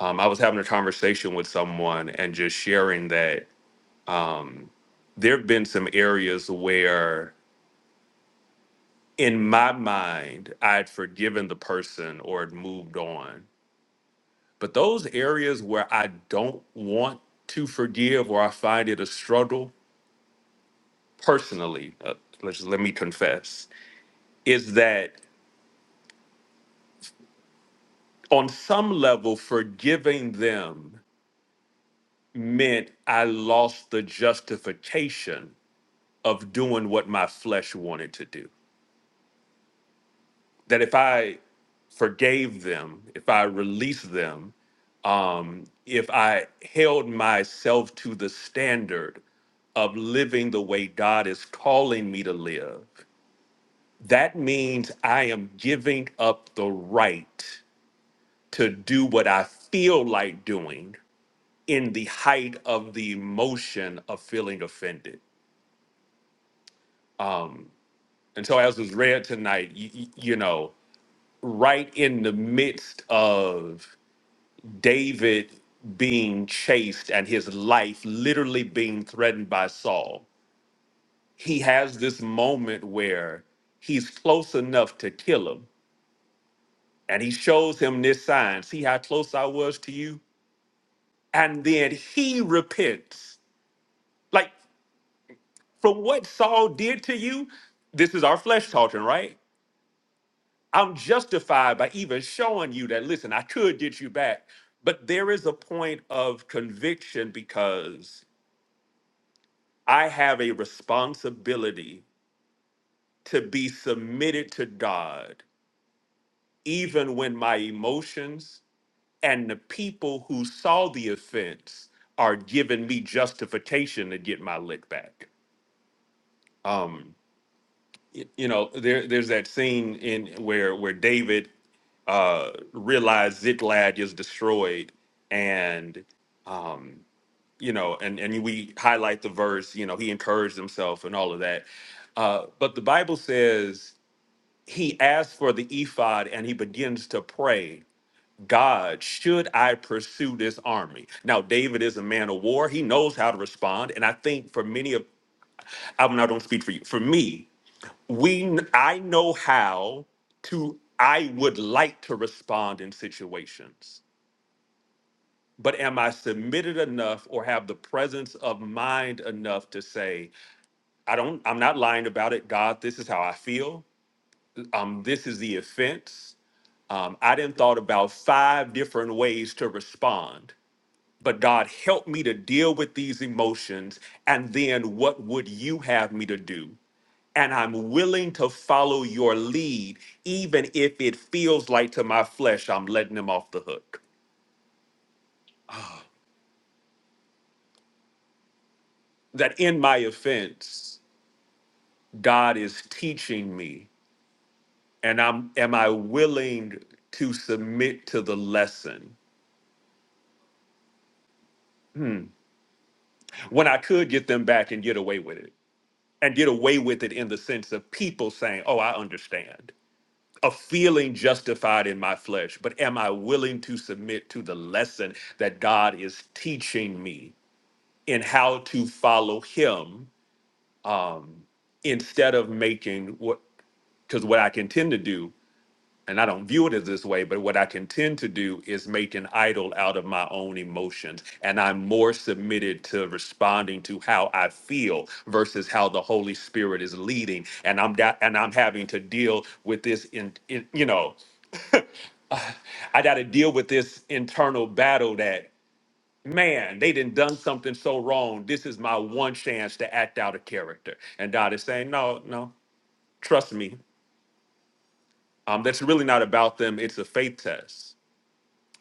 Um, I was having a conversation with someone and just sharing that there have been some areas where in my mind i'd forgiven the person or had moved on but those areas where i don't want to forgive or i find it a struggle personally uh, let's let me confess is that on some level forgiving them meant i lost the justification of doing what my flesh wanted to do that if i forgave them, if I released them, um, if I held myself to the standard of living the way God is calling me to live, that means I am giving up the right to do what I feel like doing in the height of the emotion of feeling offended. And so, as was read tonight, y- y- you know, right in the midst of David being chased and his life literally being threatened by Saul he has this moment where he's close enough to kill him and he shows him this sign see how close i was to you and then he repents like from what saul did to you this is our flesh talking right i'm justified by even showing you that listen i could get you back but there is a point of conviction because i have a responsibility to be submitted to god even when my emotions and the people who saw the offense are giving me justification to get my lick back. Um, y- you know, there there's that scene in where where David uh realized Ziklag is destroyed and um you know and and we highlight the verse you know he encouraged himself and all of that uh but the bible says he asks for the ephod and he begins to pray God, should I pursue this army? Now, David is a man of war. He knows how to respond. And I think for many of, I'm not going to speak for you. For me, we, kn- I know how to, I would like to respond in situations, but am I submitted enough or have the presence of mind enough to say, I don't, I'm not lying about it. God, this is how I feel. Um, this is the offense. Um, I didn't thought about five different ways to respond But God, help me to deal with these emotions. And then what would you have me to do? And I'm willing to follow your lead, even if it feels like to my flesh I'm letting him off the hook. That in my offense, God is teaching me. And I'm am I willing to submit to the lesson when I could get them back and get away with it? And get away with it in the sense of people saying, Oh, I understand. of feeling justified in my flesh, but am I willing to submit to the lesson that God is teaching me in how to follow Him instead of making what? Because what I can tend to do, and I don't view it as this way, but what I can tend to do is make an idol out of my own emotions. And I'm more submitted to responding to how I feel versus how the Holy Spirit is leading. And I'm da- and I'm having to deal with this in, in you know I got to deal with this internal battle that, man, they done done something so wrong. This is my one chance to act out a character. And God is saying, no, no, trust me. Um, that's really not about them. It's a faith test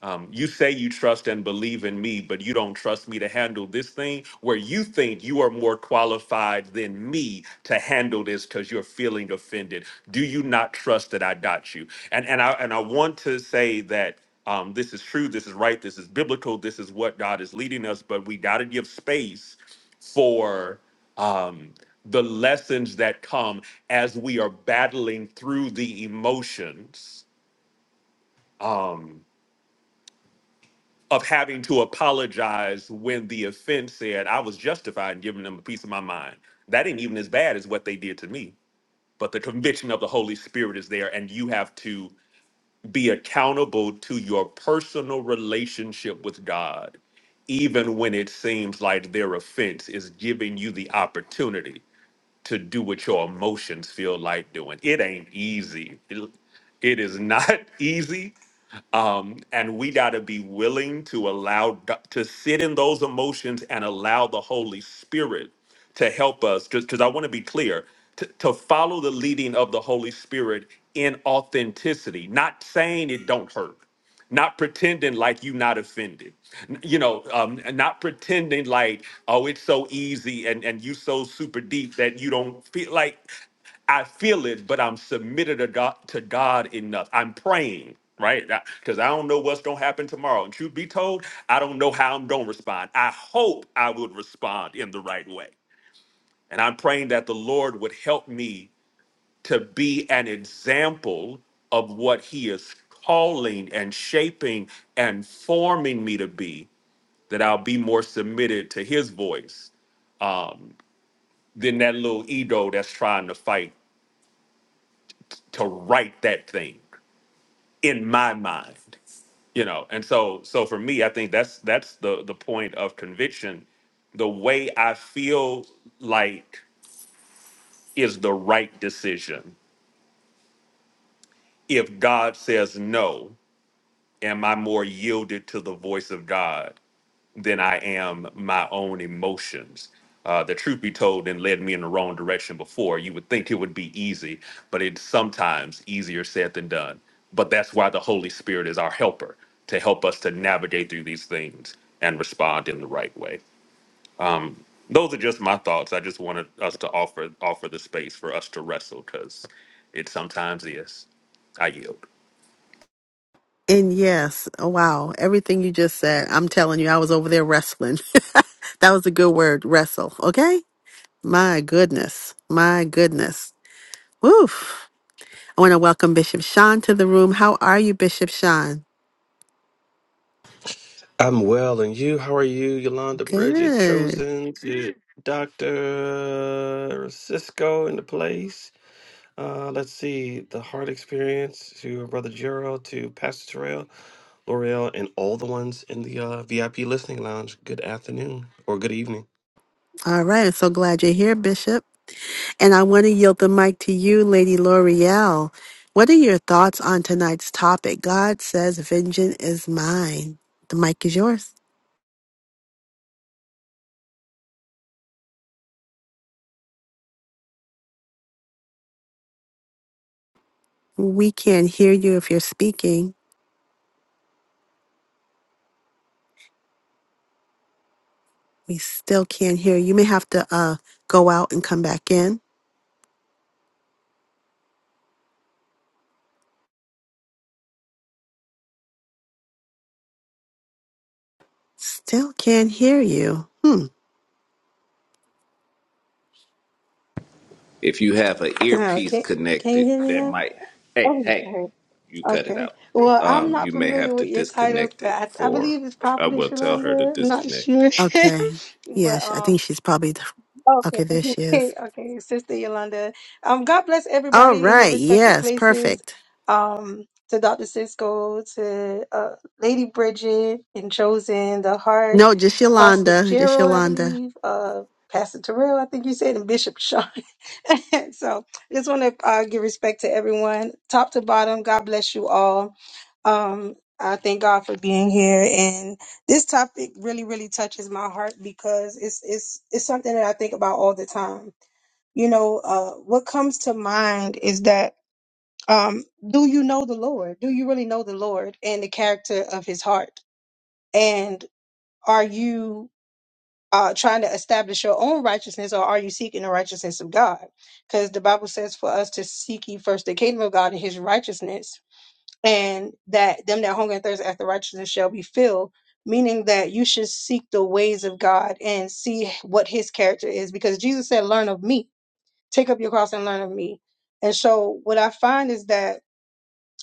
Um, you say you trust and believe in me, but you don't trust me to handle this thing where you think you are more qualified than me to handle this because you're feeling offended. Do you not trust that I got you? And and I and I want to say that um, this is true, this is right, this is biblical, this is what God is leading us, but we got to give space for um, the lessons that come as we are battling through the emotions. Um, of having to apologize when the offense said I was justified in giving them a piece of my mind. That ain't even as bad as what they did to me. But the conviction of the Holy Spirit is there, and you have to be accountable to your personal relationship with God, even when it seems like their offense is giving you the opportunity to do what your emotions feel like doing. It ain't easy. It it is not [laughs] easy um, and we got to be willing to allow d- to sit in those emotions and allow the Holy Spirit to help us. Just because I want to be clear, to, to follow the leading of the Holy Spirit in authenticity, not saying it don't hurt, not pretending like you not offended, N- you know, um, and not pretending like oh it's so easy and and you so super deep that you don't feel like. I feel it, but I'm submitted to God, to God enough. I'm praying, right? Because I don't know what's going to happen tomorrow. And truth be told, I don't know how I'm going to respond. I hope I would respond in the right way. And I'm praying that the Lord would help me to be an example of what He is calling and shaping and forming me to be, that I'll be more submitted to His voice than that little ego that's trying to fight to right that thing in my mind you know and so so for me i think that's that's the the point of conviction the way i feel like is the right decision if god says no am i more yielded to the voice of god than I am my own emotions. Uh, the truth be told, and led me in the wrong direction before. You would think it would be easy, but it's sometimes easier said than done. But that's why the Holy Spirit is our helper to help us to navigate through these things and respond in the right way. Um, those are just my thoughts. I just wanted us to offer offer the space for us to wrestle because it sometimes is. I yield. And yes, oh wow, everything you just said. I'm telling you, I was over there wrestling. [laughs] that was a good word, wrestle, okay? My goodness. My goodness. Woof. I want to welcome Bishop Sean to the room. How are you, Bishop Sean? I'm well, and you? How are you, Yolanda Bridget? Good. Chosen, to Doctor Cisco in the place. Uh, let's see the heart experience to Brother Gerald, to Pastor Terrell, L'Oreal, and all the ones in the uh, VIP listening lounge. Good afternoon or good evening. All right. I'm so glad you're here, Bishop. And I want to yield the mic to you, Lady L'Oreal. What are your thoughts on tonight's topic? God says, Vengeance is mine. The mic is yours. We can't hear you if you're speaking. We still can't hear you. You may have to uh, go out and come back in. Still can't hear you. Hmm. If you have an Now, earpiece can can you connected, hear me that now? might. Hey, Oh, hey, okay. you cut it Okay. out. Well, I'm Um, not you may familiar have to with your titles, disconnect it but I, I for. believe it's I Prophetess will tell her to Yolanda. I'm not disconnect sure, it. Okay. [laughs] Yeah, but sh- um, I think she's probably. Okay, there she is. Okay, [laughs] okay, Sister Yolanda. Um, God bless All everybody in your right. respective Yes. places. Perfect. Um, to Dr. Cisco, to uh, Lady Bridget and Chosen, the Heart, No, just Apostle Yolanda. Just Gerald, I Yolanda. believe, uh, Pastor Terrell, I think you said, and Bishop Sean. [laughs] so, just want to uh, give respect to everyone, top to bottom. God bless you all. Um, I thank God for being here this topic really, really touches my heart because it's it's it's something that I think about all the time. You know, uh, what comes to mind is that um, do you know the Lord? Do you really know the Lord and the character of His heart? And are you uh, trying to establish your own righteousness, or are you seeking the righteousness of God? Because the Bible says for us to seek ye first the kingdom of God and His righteousness, and that them that hunger and thirst after righteousness shall be filled meaning that you should seek the ways of god and see what his character is because jesus said learn of me take up your cross and learn of me and so what i find is that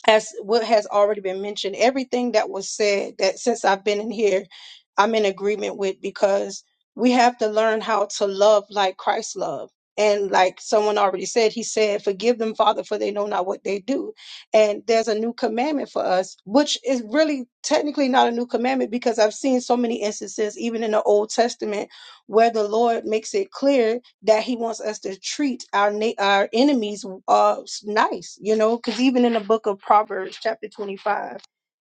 as what has already been mentioned, everything that was said that since I've been in here, I'm in agreement with because we have to learn how to love like Christ loved. And like someone already said, he said, Forgive them, Father, for they know not what they do. And there's a new commandment for us, which is really technically not a new commandment because I've seen so many instances, even in the Old Testament, where the Lord makes it clear that he wants us to treat our na- our enemies uh nice you know because even in the book of proverbs chapter 25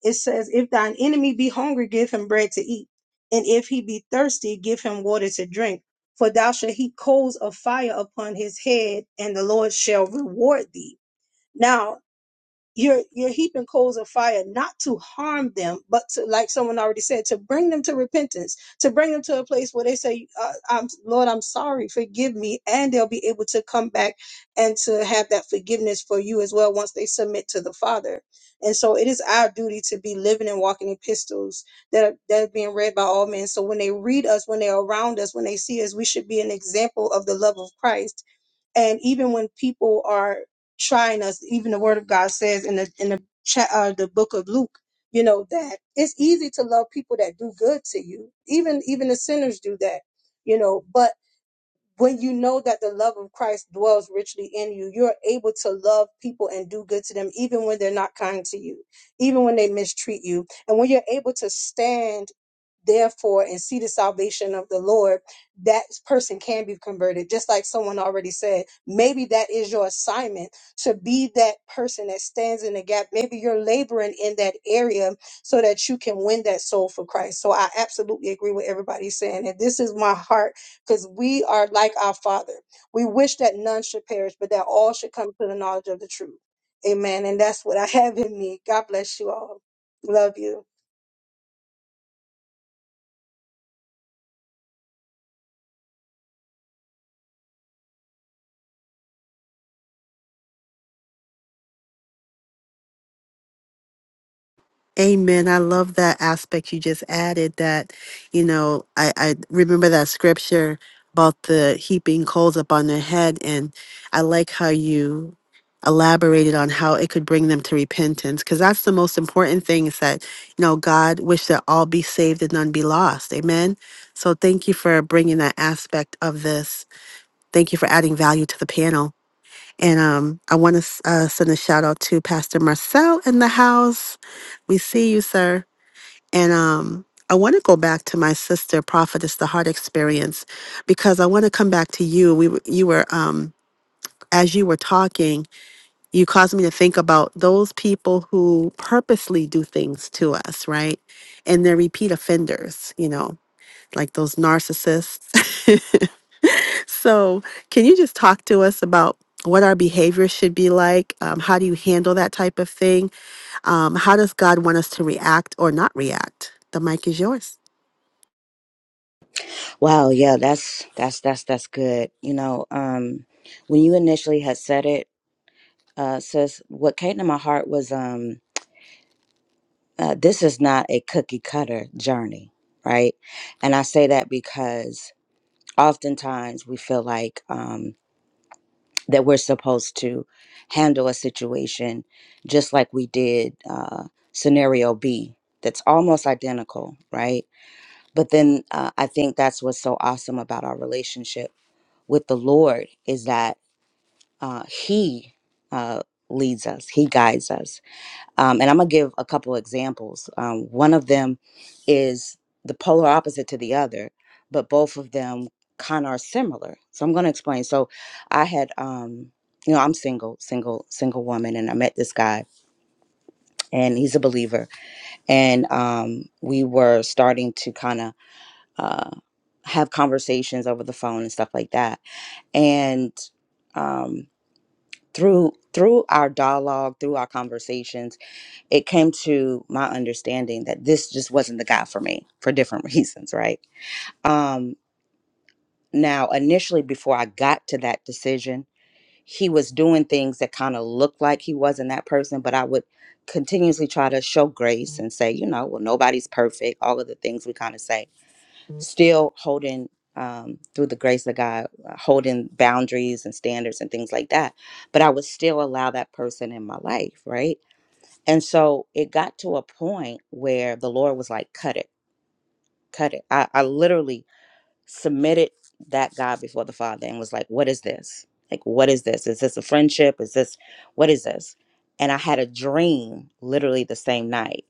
it says if thine enemy be hungry give him bread to eat and if he be thirsty give him water to drink for thou shalt heap coals of fire upon his head and the lord shall reward thee now you're you're heaping coals of fire not to harm them but to like someone already said to bring them to repentance to bring them to a place where they say uh, I'm, lord i'm sorry forgive me and they'll be able to come back and to have that forgiveness for you as well once they submit to the father and so it is our duty to be living and walking epistles that are, that are being read by all men so when they read us when they're around us when they see us we should be an example of the love of christ and even when people are trying us even the word of god says in the in the cha- uh, the book of luke you know that it's easy to love people that do good to you even even the sinners do that you know but when you know that the love of Christ dwells richly in you, you're able to love people and do good to them, even when they're not kind to you, even when they mistreat you. And when you're able to stand, therefore, and see the salvation of the Lord, that person can be converted. Just like someone already said, maybe that is your assignment to be that person that stands in the gap. Maybe you're laboring in that area so that you can win that soul for Christ. So I absolutely agree with everybody saying, and this is my heart because we are like our Father. We wish that none should perish, but that all should come to the knowledge of the truth. Amen. And that's what I have in me. God bless you all. Love you. Amen. I love that aspect you just added that, you know, I, I remember that scripture about the heaping coals upon their head. And I like how you elaborated on how it could bring them to repentance because that's the most important thing is that, you know, God wish that all be saved and none be lost. Amen. So thank you for bringing that aspect of this. Thank you for adding value to the panel. And um, I want to uh, send a shout out to Pastor Marcel in the house. We see you, sir. And um, I want to go back to my sister, Prophetess, the heart experience, because I want to come back to you. We were- you were um, as you were talking, you caused me to think about those people who purposely do things to us, right? And they're repeat offenders, you know, like those narcissists. [laughs] So, can you just talk to us about what our behavior should be like? Um, how do you handle that type of thing? Um, how does God want us to react or not react? The mic is yours. Wow, yeah, that's that's that's that's good. You know, um, when you initially had said it, uh, sis, what came to my heart was um, uh, this is not a cookie cutter journey, right? And I say that because oftentimes we feel like um, that we're supposed to handle a situation just like we did uh, scenario B. That's almost identical, right? But then uh, I think that's what's so awesome about our relationship with the Lord is that uh, He uh, leads us, He guides us um, and I'm going to give a couple examples. Um, one of them is the polar opposite to the other, but both of them kind of are similar. So I'm going to explain. So I had, um, you know, I'm single, single, single woman, and I met this guy, and he's a believer. And um, we were starting to kind of uh, have conversations over the phone and stuff like that. And um, through through our dialogue, through our conversations, it came to my understanding that this just wasn't the guy for me for different [laughs] reasons, right? Um, now, initially, before I got to that decision, he was doing things that kind of looked like he wasn't that person, but I would continuously try to show grace and say, you know, well, nobody's perfect, all of the things we kind of say, still holding. Um, through the grace of God, uh, holding boundaries and standards and things like that. But I would still allow that person in my life, right? And so it got to a point where the Lord was like, cut it, cut it. I, I literally submitted that guy before the Father and was like, what is this? Like, what is this? Is this a friendship? Is this, what is this? And I had a dream literally the same night.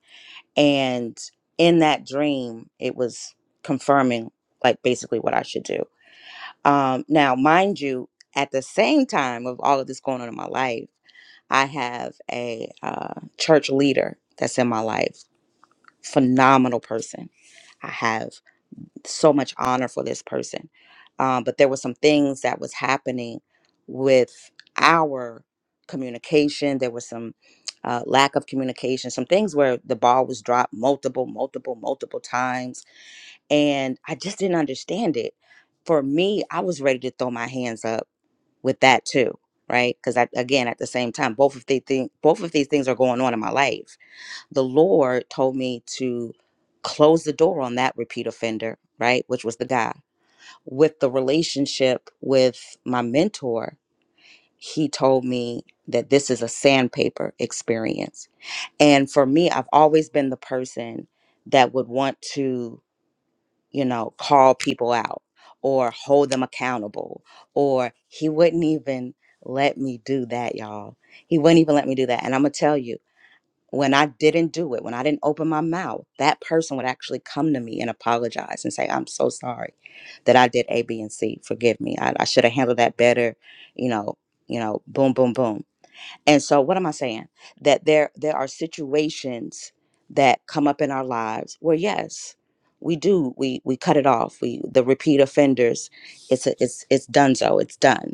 And in that dream, it was confirming, like, basically what I should do. Um, now, mind you, at the same time of all of this going on in my life, I have a uh, church leader that's in my life phenomenal person. I have so much honor for this person. Um, but there were some things that was happening with our communication. There was some uh, lack of communication, some things where the ball was dropped multiple, multiple, multiple times. And I just didn't understand it. For me, I was ready to throw my hands up with that too, right? Because again, at the same time, both of, the thing, both of these things are going on in my life the Lord told me to close the door on that repeat offender, right? Which was the guy. With the relationship with my mentor, he told me that this is a sandpaper experience. And for me, I've always been the person that would want to, you know, call people out or hold them accountable. Or he wouldn't even let me do that, y'all. He wouldn't even let me do that. And I'm going to tell you, when I didn't do it, when I didn't open my mouth, that person would actually come to me and apologize and say, I'm so sorry that I did A, B, and C. Forgive me. I, I should have handled that better, you know, you know, boom, boom, boom. And so what am I saying? That there there are situations that come up in our lives where yes, we do, we we cut it off. We the repeat offenders, it's a, it's it's done so, it's done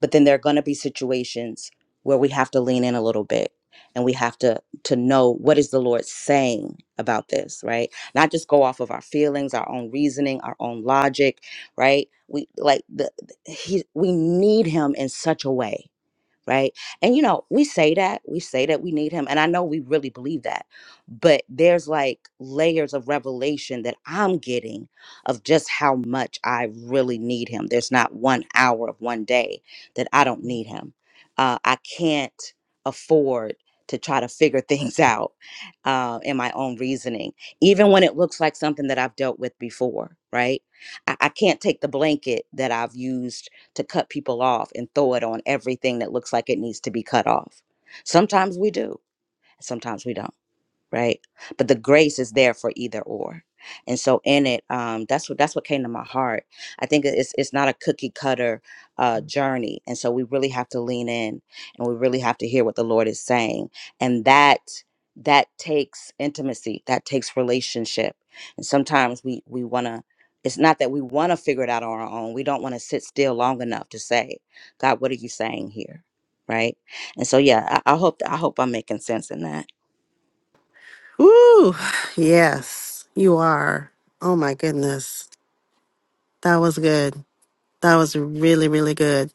but then there are going to be situations where we have to lean in a little bit and we have to to know what is the lord saying about this right not just go off of our feelings our own reasoning our own logic right we like the the- he we need him in such a way right? And you know, we say that, we say that we need him, and I know we really believe that. But there's like layers of revelation that I'm getting of just how much I really need him. There's not one hour of one day that I don't need him. Uh, I can't afford to try to figure [laughs] things out uh, in my own reasoning, even when it looks like something that I've dealt with before, right? I, I can't take the blanket that I've used to cut people off and throw it on everything that looks like it needs to be cut off. Sometimes we do, sometimes we don't right but the grace is there for either or and so in it um that's what that's what came to my heart i think it's it's not a cookie cutter uh journey and so we really have to lean in and we really have to hear what the lord is saying and that that takes intimacy that takes relationship and sometimes we we want to it's not that we want to figure it out on our own we don't want to sit still long enough to say god what are you saying here right and so yeah i, I hope i hope i'm making sense in that Ooh, [sighs] yes, you are. Oh my goodness. That was good. That was really, really good.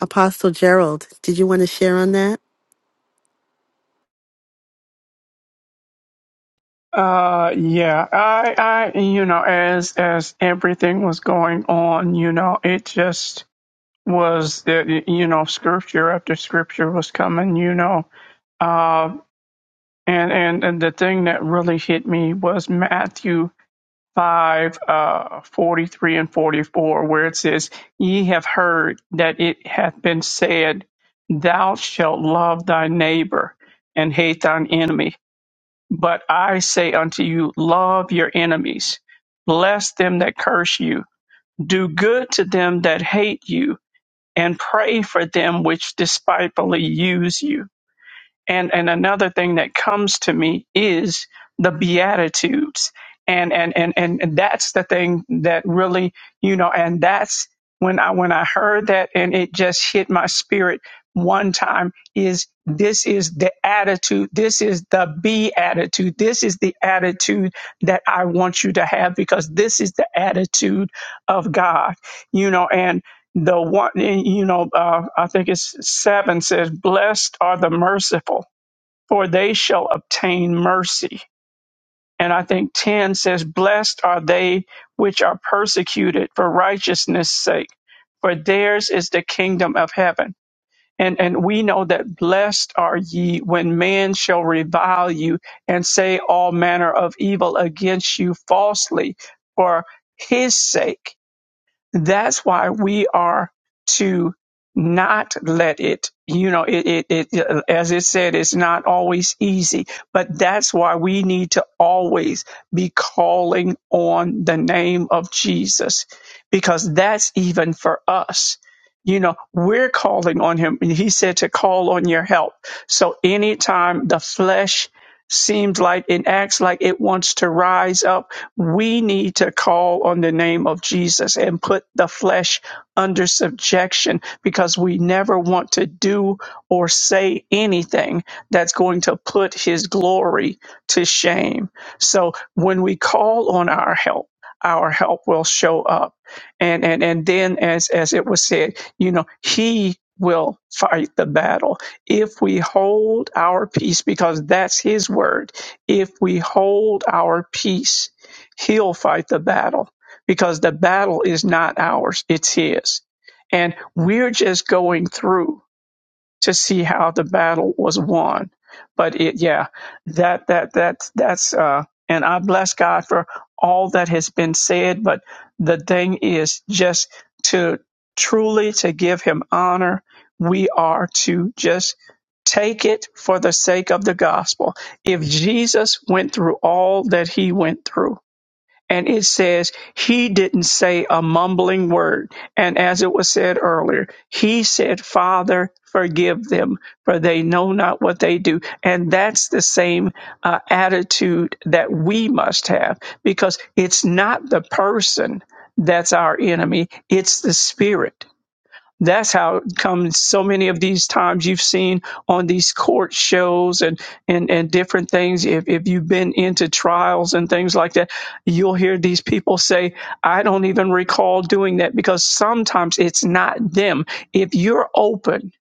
Apostle Gerald, did you want to share on that? Uh, yeah, I, I, you know, as, as everything was going on, you know, it just was that, you know, scripture after scripture was coming, you know, uh, and, and, and the thing that really hit me was Matthew 5 uh, 43 and 44 where it says ye have heard that it hath been said thou shalt love thy neighbor and hate thine enemy but i say unto you love your enemies bless them that curse you do good to them that hate you and pray for them which despitefully use you and and another thing that comes to me is the beatitudes and and and and and that's the thing that really you know and that's when i when i heard that and it just hit my spirit one time is this is the attitude this is the be attitude this is the attitude that i want you to have because this is the attitude of god you know and the one eh, you know uh, i think it's seven says blessed are the merciful for they shall obtain mercy and i think 10 says blessed are they which are persecuted for righteousness sake for theirs is the kingdom of heaven and and we know that blessed are ye when men shall revile you and say all manner of evil against you falsely for his sake that's why we are to not let it, you know, it, it, it, it- as it said, it's not always easy, but that's why we need to always be calling on the name of Jesus because that's even for us. You know, we're calling on him. He said to call on your help. So anytime the flesh seems like it acts like it wants to rise up, we need to call on the name of Jesus and put the flesh under subjection because we never want to do or say anything that's going to put his glory to shame. So when we call on our help, our help will show up. And and and then as as it was said, you know, he will fight the battle if we hold our peace, because that's his word, if we hold our peace, he'll fight the battle because the battle is not ours, it's his. And we're just going through to see how the battle was won. But it, yeah, that that that that's uh, and I bless God for all that has been said. But the thing is, just to truly to give Him honor, we are to just take it for the sake of the gospel. If Jesus went through all that He went through and it says he didn't say a mumbling word. And as it was said earlier, he said, Father, forgive them, for they know not what they do. And that's the same uh, attitude that we must have because it's not the person that's our enemy, it's the spirit. That's how it comes so many of these times you've seen on these court shows and and and different things. If if you've been into trials and things like that, you'll hear these people say, "I don't even recall doing that," because sometimes it's not them. If you're open,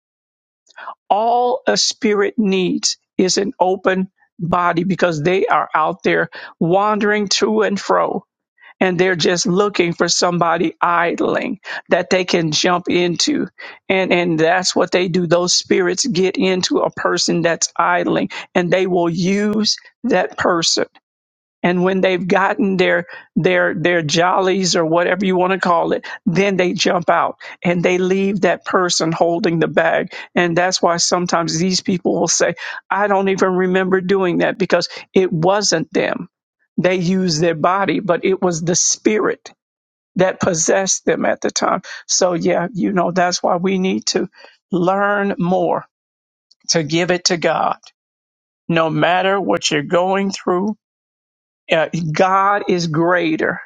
all a spirit needs is an open body because they are out there wandering to and fro and they're just looking for somebody idling that they can jump into and and that's what they do those spirits get into a person that's idling and they will use that person and when they've gotten their their their jollies or whatever you want to call it then they jump out and they leave that person holding the bag and that's why sometimes these people will say i don't even remember doing that because it wasn't them they used their body but it was the spirit that possessed them at the time so yeah you know that's why we need to learn more to give it to god no matter what you're going through uh, god is greater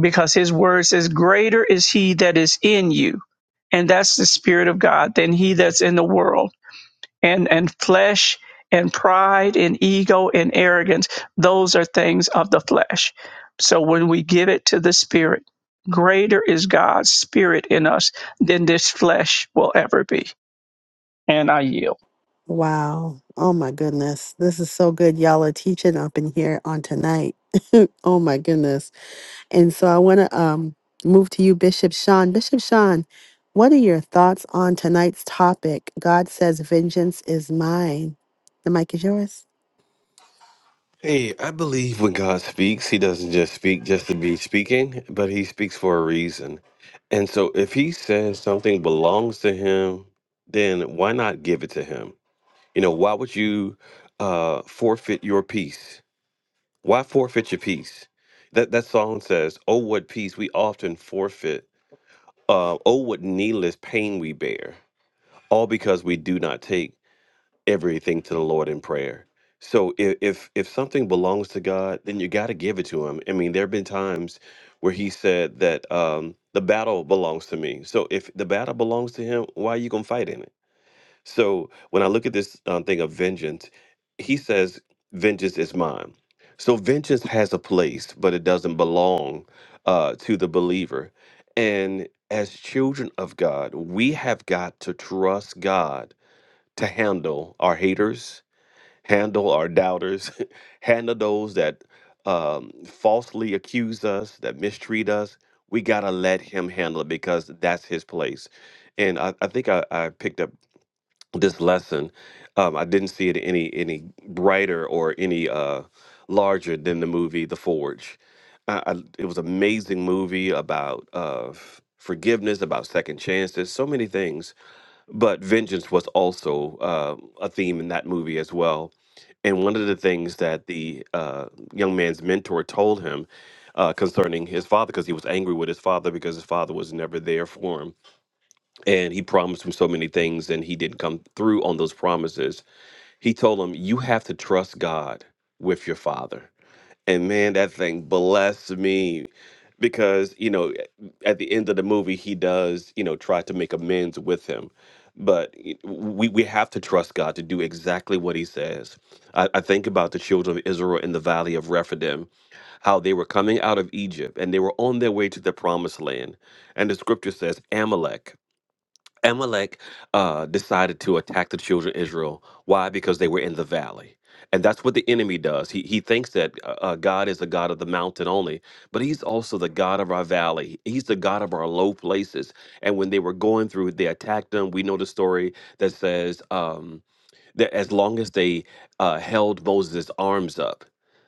because his word says, Greater is he that is in you, and that's the Spirit of God, than he that's in the world. And and flesh and pride and ego and arrogance, those are things of the flesh. So when we give it to the Spirit, greater is God's Spirit in us than this flesh will ever be. And I yield. Wow. Oh my goodness. This is so good. Y'all are teaching up in here on tonight. [laughs] oh my goodness. And so I want to um, move to you, Bishop Sean. Bishop Sean, what are your thoughts on tonight's topic? God says, Vengeance is mine. The mic is yours. Hey, I believe when God speaks, He doesn't just speak just to be speaking, but He speaks for a reason. And so, if He says something belongs to Him, then why not give it to Him? You know, why would you uh, forfeit your peace? Why forfeit your peace? That that song says, "Oh, what peace we often forfeit. Uh, oh, what needless pain we bear, all because we do not take everything to the Lord in prayer." So if if, if something belongs to God, then you got to give it to Him. I mean, there have been times where He said that um, the battle belongs to me. So if the battle belongs to Him, why are you gonna fight in it? So when I look at this um, thing of vengeance, he says, Vengeance is mine. So vengeance has a place, but it doesn't belong uh, to the believer. And as children of God, we have got to trust God to handle our haters, handle our doubters, [laughs] handle those that um, falsely accuse us, that mistreat us. We got to let Him handle it because that's His place. And I, I think I, I picked up this lesson. Um, I didn't see it any any brighter or any uh, larger than the movie The Forge. I, I, it was an amazing movie about uh, f- forgiveness, about second chances, so many things. But vengeance was also uh, a theme in that movie as well. And one of the things that the uh, young man's mentor told him uh, concerning his father, because he was angry with his father because his father was never there for him and he promised him so many things and he didn't come through on those promises he told him you have to trust god with your father and man that thing blessed me because you know at the end of the movie he does you know try to make amends with him but y- we, we have to trust god to do exactly what he says I, I think about the children of israel in the valley of rephidim how they were coming out of egypt and they were on their way to the promised land and the scripture says amalek Amalek uh, decided to attack the children of Israel. Why? Because they were in the valley. And that's what the enemy does. He, he thinks that uh, uh, God is the God of the mountain only, but he's also the God of our valley. He's the God of our low places. And when they were going through, they attacked them. We know the story that says, um, that as long as they uh, held Moses' arms up,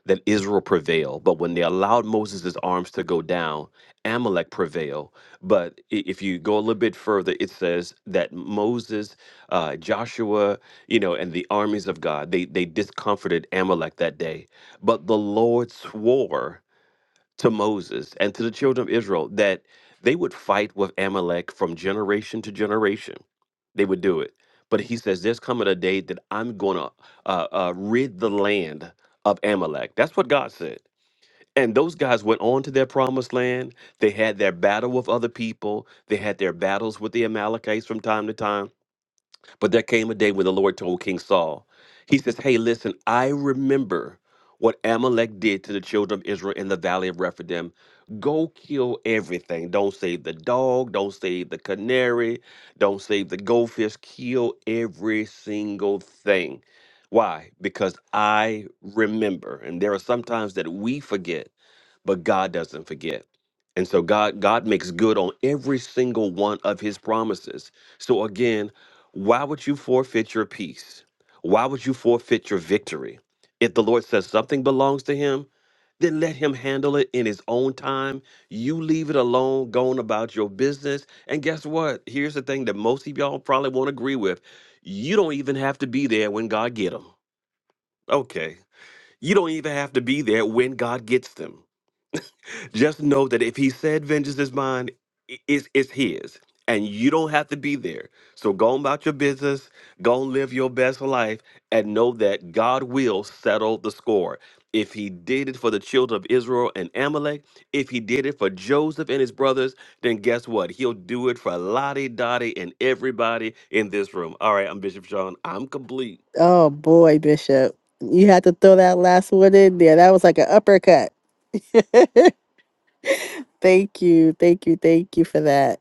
that Israel prevailed. But when they allowed Moses' arms to go down, Amalek prevailed. But i- if you go a little bit further, it says that Moses, uh, Joshua, you know, and the armies of God, they, they discomforted Amalek that day. But the Lord swore to Moses and to the children of Israel that they would fight with Amalek from generation to generation. They would do it. But he says, There's coming a day that I'm going to uh, uh, rid the land of Amalek. That's what God said. And those guys went on to their promised land. They had their battle with other people. They had their battles with the Amalekites from time to time but there came a day when the Lord told King Saul, He says, Hey, listen, I remember what Amalek did to the children of Israel in the valley of Rephidim. Go kill everything. Don't save the dog. Don't save the canary. Don't save the goldfish. Kill every single thing. Why? Because I remember. And there are sometimes that we forget but God doesn't forget. And so God God makes good on every single one of his promises. So again, why would you forfeit your peace? Why would you forfeit your victory? If the Lord says something belongs to him, then let him handle it in his own time. You leave it alone, going about your business. And guess what? Here's the thing that most of y'all probably won't agree with. You don't even have to be there when God get them. Okay. You don't even have to be there when God gets them. Just know that if he said vengeance is mine, i- it's, it's his. And you don't have to be there. So go on about your business, go and live your best life, and know that God will settle the score. If he did it for the children of Israel and Amalek, if he did it for Joseph and his brothers, then guess what? He'll do it for Lottie, Dottie, and everybody in this room. All right, I'm Bishop Sean. I'm complete. Oh boy, Bishop. You had to throw that last one in there. That was like an uppercut. Thank you. Thank you. Thank you for that.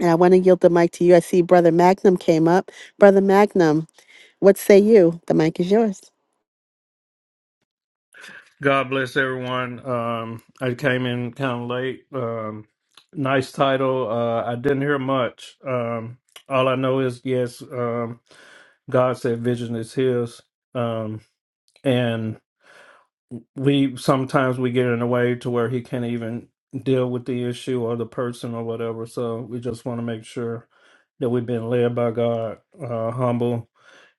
And I want to yield the mic to you. I see Brother Magnum came up. Brother Magnum, What say you? The mic is yours. God bless everyone. Um, I came in kind of late. Um, nice title. Uh, I didn't hear much. Um, all I know is yes. Um, God said vision is His, um, and we sometimes we get in a way to where He can't even deal with the issue or the person or whatever. So we just want to make sure that we've been led by God, uh, humble,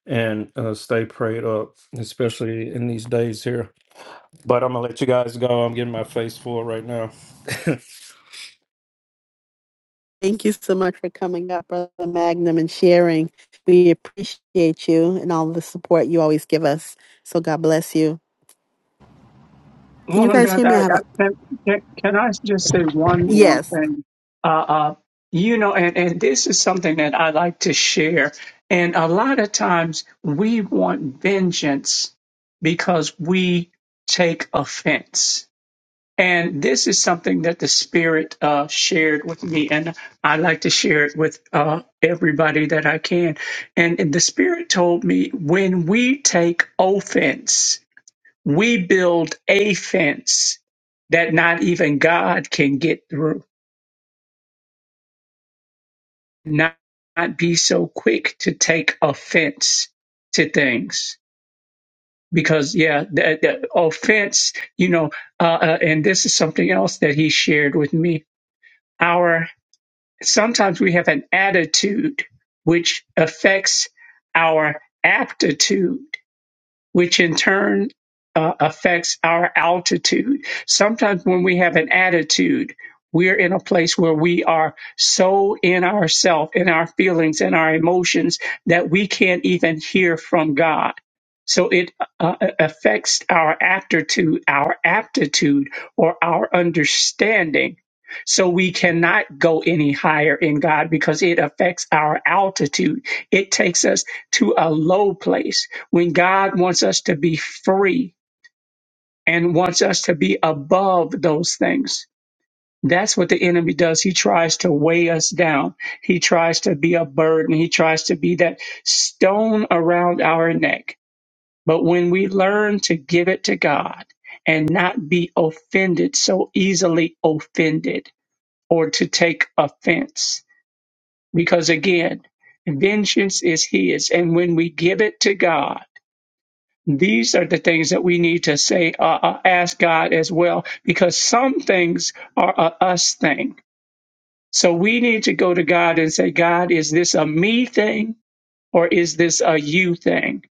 and uh, stay prayed up, especially in these days here. But I'm gonna let you guys go. I'm getting my face full right now. [laughs] Thank you so much for coming up, Brother Magnum, and sharing. We appreciate you and all the support you always give us. So God bless you. Can you Woman of guys God, hear me? I I, have I, a can, can, can I just say one more yes. thing? Uh, uh, you know, and, and this is something that I like to share. And a lot of times we want vengeance because we take offense. And this is something that the Spirit uh, shared with me, and I like to share it with uh, everybody that I can. And the Spirit told me when we take offense, we build a fence that not even God can get through. Not, not be so quick to take offense to things. Because, yeah, the, the offense, you know, uh, uh, and this is something else that he shared with me. Our sometimes we have an attitude which affects our aptitude which in turn uh, affects our altitude. Sometimes when we have an attitude, we're in a place where we are so in ourselves, in our feelings, in our emotions that we can't even hear from God. So it uh, uh, affects our aptitude, our aptitude, or our understanding. So we cannot go any higher in God because it affects our altitude. It takes us to a low place when God wants us to be free and wants us to be above those things. That's what the enemy does. He tries to weigh us down. He tries to be a burden. He tries to be that stone around our neck. But when we learn to give it to God and not be offended, so easily offended or to take offense, because again, vengeance is His. And when we give it to God, These are the things that we need to say, uh, uh, ask God as well, because some things are a us thing. So we need to go to God and say, God, is this a me thing or is this a you thing?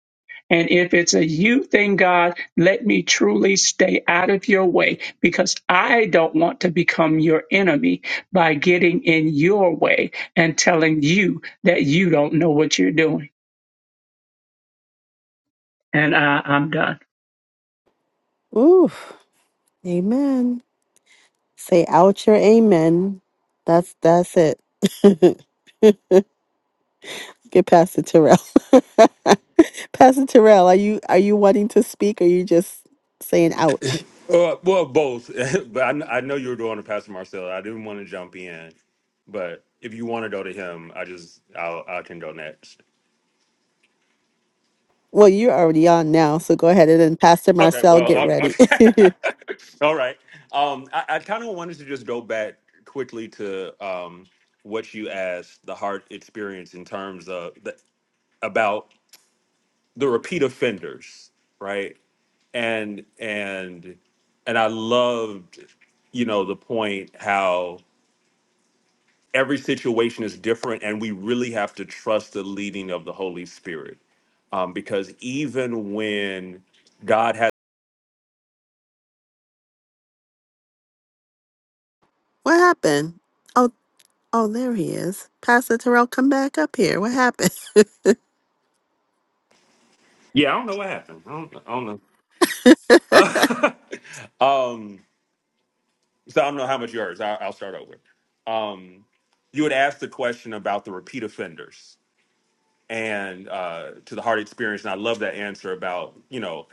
And if it's a you thing, God, let me truly stay out of your way because I don't want to become your enemy by getting in your way and telling you that you don't know what you're doing. And I, I'm done. Oof. Amen. Say out your amen. That's that's it. [laughs] Get Pastor Terrell. [laughs] Pastor Terrell, are you are you wanting to speak or are you just saying ouch? Uh, well, both. [laughs] but I, kn- I know you were doing to Pastor Marcel. I didn't want to jump in, but if you want to go to him, I just I'll, I can go next. Well, you're already on now, so go ahead and then Pastor Okay. Marcel, Well, get I'll, ready. okay. [laughs] [laughs] all right. Um, I, I kind of wanted to just go back quickly to um what you asked the heart experience in terms of the, about the repeat offenders, right? And and and I loved, you know, the point how every situation is different and we really have to trust the leading of the holy spirit um, because even when god has What happened? Oh, oh, there he is. Pastor Terrell, come back up here. What happened? [laughs] that yeah i don't know what happened i don't, I don't know [laughs] um, so i don't know how much you heard so I, i'll start over um, you had asked the question about the repeat offenders and uh, to the heart experience. And I love that answer about, you know,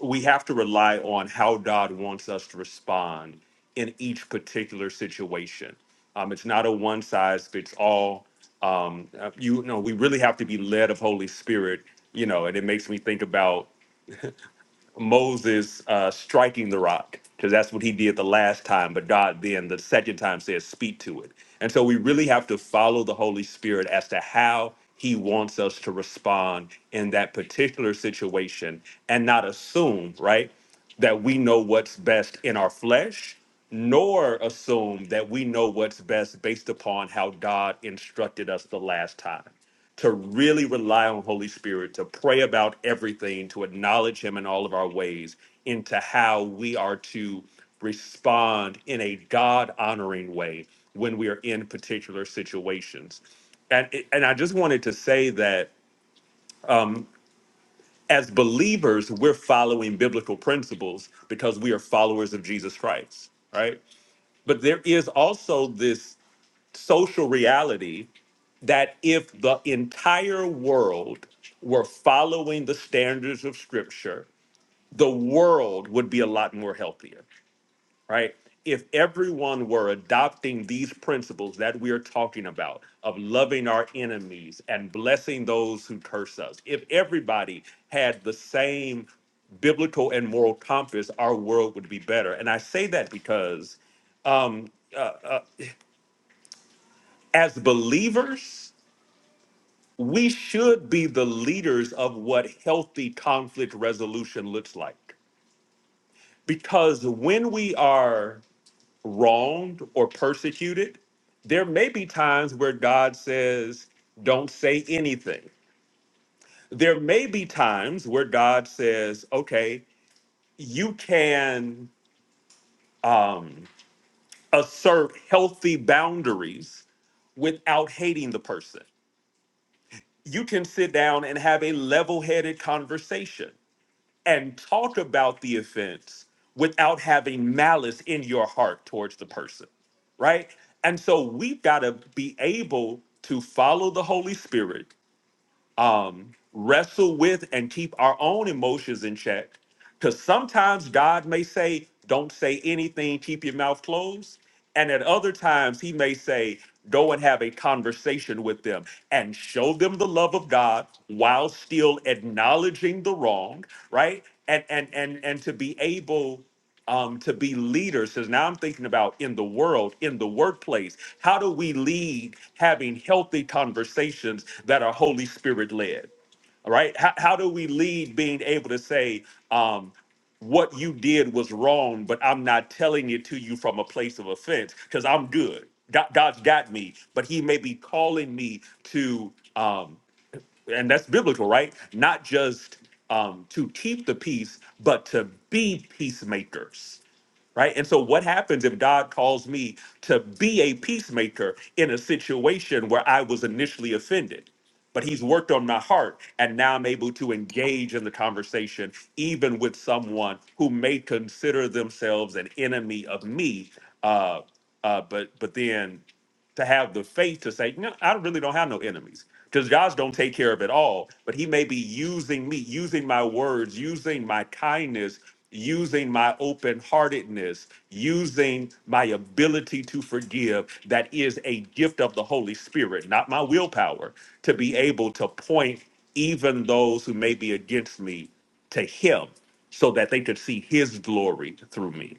we have to rely on how God wants us to respond in each particular situation. Um, it's not a one size fits all. Um, uh, you, know, we really have to be led of Holy Spirit, you know, and it makes me think about Moses uh, striking the rock because that's what he did the last time. But God then the second time says, "Speak to it." And so we really have to follow the Holy Spirit as to how He wants us to respond in that particular situation, and not assume right that we know what's best in our flesh, nor assume that we know what's best based upon how God instructed us the last time to really rely on Holy Spirit, to pray about everything, to acknowledge Him in all of our ways, into how we are to respond in a God honoring way when we are in particular situations. And, and I just wanted to say that as believers, we're following biblical principles because we are followers of Jesus Christ, right? But there is also this social reality that if the entire world were following the standards of scripture, the world would be a lot more healthier, right? If everyone were adopting these principles that we are talking about of loving our enemies and blessing those who curse us, if everybody had the same biblical and moral compass, our world would be better. And I say that because um, as believers, we should be the leaders of what healthy conflict resolution looks like. Because when we are wronged or persecuted, there may be times where God says, don't say anything. There may be times where God says, okay, you can um, assert healthy boundaries without hating the person. You can sit down and have a level headed conversation and talk about the offense without having malice in your heart towards the person, right? And so we've got to be able to follow the Holy Spirit um, wrestle with and keep our own emotions in check. Because sometimes God may say, Don't say anything, keep your mouth closed. And at other times, He may say, Go and have a conversation with them and show them the love of God while still acknowledging the wrong, right? And and and and to be able um, to be leaders. Because now I'm thinking about in the world, in the workplace, how do we lead having healthy conversations that are Holy Spirit led? All right. How, how do we lead being able to say, um, what you did was wrong, but I'm not telling it to you from a place of offense because I'm good. God, God's got me, but He may be calling me to, um, and that's biblical, right? Not just um, to keep the peace, but to be peacemakers right? And so, what happens if God calls me to be a peacemaker in a situation where I was initially offended? But he's worked on my heart, and now I'm able to engage in the conversation, even with someone who may consider themselves an enemy of me. Uh, uh, but but then to have the faith to say, no, I really don't have no enemies because God's don't take care of it all. But He may be using me, using my words, using my kindness, using my open heartedness, using my ability to forgive. That is a gift of the Holy Spirit, not my willpower, to be able to point even those who may be against me to Him so that they could see His glory through me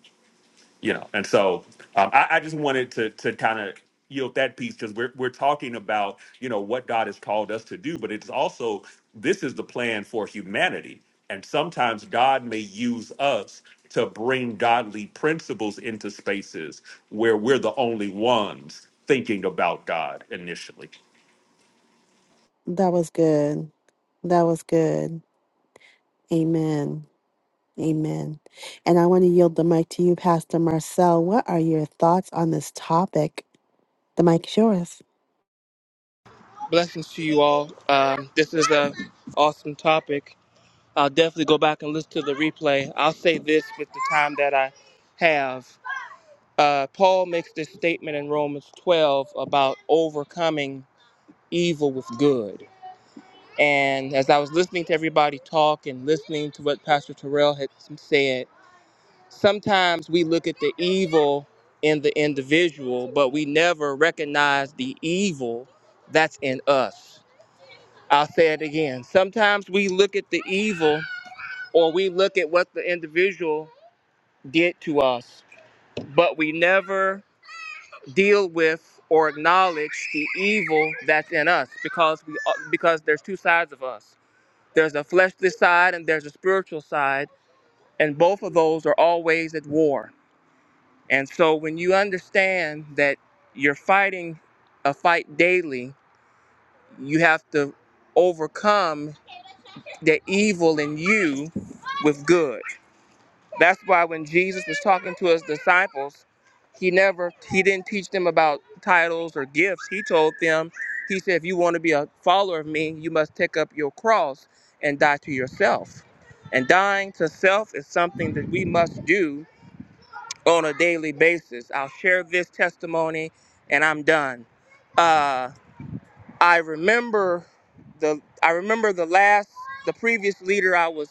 you know and so um, I, I just wanted to to kind of yield that piece because we're, we're talking about you know what god has called us to do but it's also this is the plan for humanity and sometimes god may use us to bring godly principles into spaces where we're the only ones thinking about god initially was good. That was good. Amen. Amen. And I want to yield the mic to you, Pastor Marcel. What are your thoughts on this topic? The mic's yours. Blessings to you all. Um, this is a awesome topic. I'll definitely go back and listen to the replay. I'll say this with the time that I have. Uh, Paul makes this statement in Romans 12 about overcoming evil with good. And as I was listening to everybody talk and listening to what Pastor Terrell had said, sometimes we look at the evil in the individual, but we never recognize the evil that's in us. I'll say it again. Sometimes we look at the evil or we look at what the individual did to us, but we never deal with or acknowledge the evil that's in us because we uh, because there's two sides of us. There's a fleshly side and there's a spiritual side, and both of those are always at war. And so when you understand that you're fighting a fight daily, you have to overcome the evil in you with good. That's why when Jesus was talking to his disciples, he never he didn't teach them about titles or gifts. He told them, he said, if you want to be a follower of me, you must take up your cross and die to yourself. And dying to self is something that we must do on a daily basis. I'll share this testimony and I'm done. Uh I remember the I remember the last the previous leader I was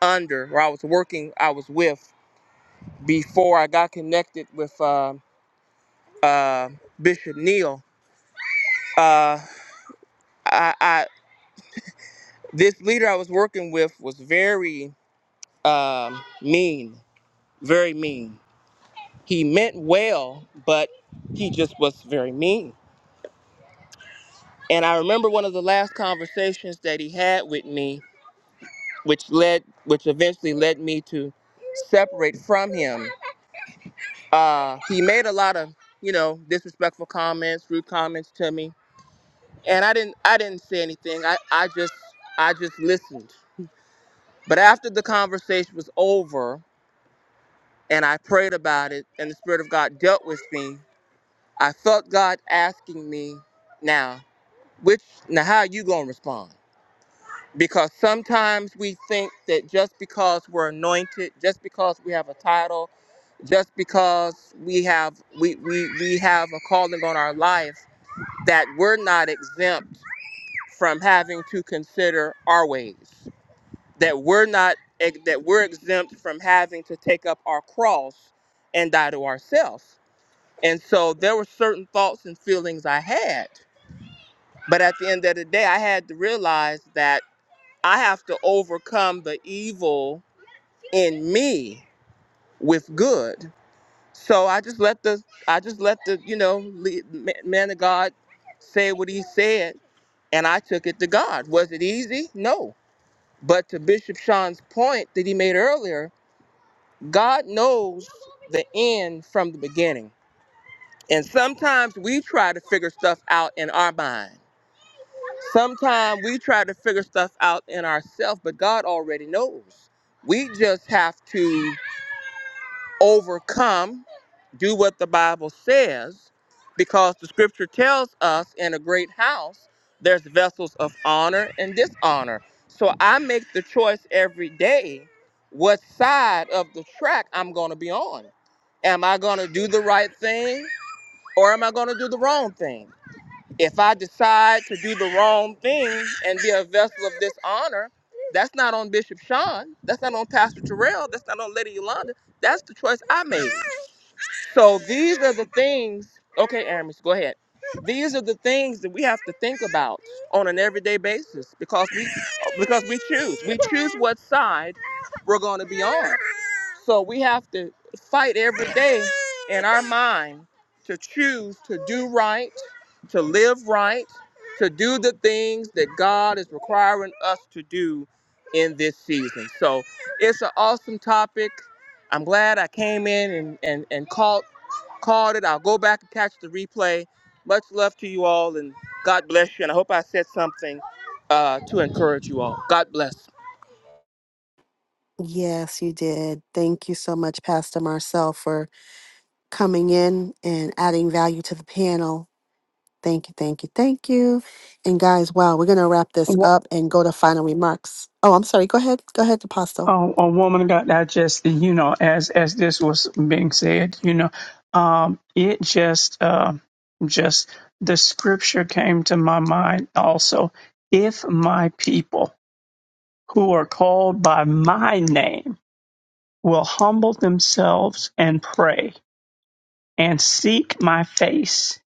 under or I was working I was with before I got connected with uh, uh, Bishop Neal. Uh, I, I this leader I was working with was very um, mean, very mean. He meant well, but he just was very mean. And I remember one of the last conversations that he had with me which led which eventually led me to separate from him uh he made a lot of you know disrespectful comments rude comments to me and i didn't i didn't say anything i i just i just listened but after the conversation was over and i prayed about it and the spirit of god dealt with me i felt god asking me now which now how are you going to respond because sometimes we think that just because we're anointed just because we have a title just because we have we, we we have a calling on our life that we're not exempt from having to consider our ways that we're not that we're exempt from having to take up our cross and die to ourselves and so there were certain thoughts and feelings i had but at the end of the day i had to realize that i have to overcome the evil in me with good So I just let the I just let the you know lead, ma- man of God say what he said, and I took it to God. Was it easy? No. But to Bishop Sean's point that he made earlier, God knows the end from the beginning. And sometimes we try to figure stuff out in our mind. Sometimes we try to figure stuff out in ourselves, but God already knows. We just have to overcome do what the Bible says because the scripture tells us in a great house there's vessels of honor and dishonor. So I make the choice every day what side of the track I'm going to be on. Am I going to do the right thing or am I going to do the wrong thing? If I decide to do the wrong thing and be a vessel of dishonor, that's not on Bishop Sean. That's not on Pastor Terrell. That's not on Lady Yolanda. That's the choice I made. So these are the things. Okay, Aramis, go ahead. These are the things that we have to think about on an everyday basis because we because we choose. We choose what side we're going to be on. So we have to fight every day in our mind to choose to do right, to live right, to do the things that God is requiring us to do in this season. So it's an awesome topic. I'm glad I came in and, and, and called called it. I'll go back and catch the replay. Much love to you all and God bless you. And I hope I said something uh, to encourage you all. God bless. Yes, you did. Thank you so much, Pastor Marcel, for coming in and adding value to the panel. Thank you, thank you, thank you. And guys, wow, we're gonna wrap this up and go to final remarks. Oh, I'm sorry. Go ahead. Go ahead, Apostle. Oh, a woman got digested, you know, as as this was being said, you know, um, it just uh, just the scripture came to my mind also. If my people who are called by my name will humble themselves and pray and seek my face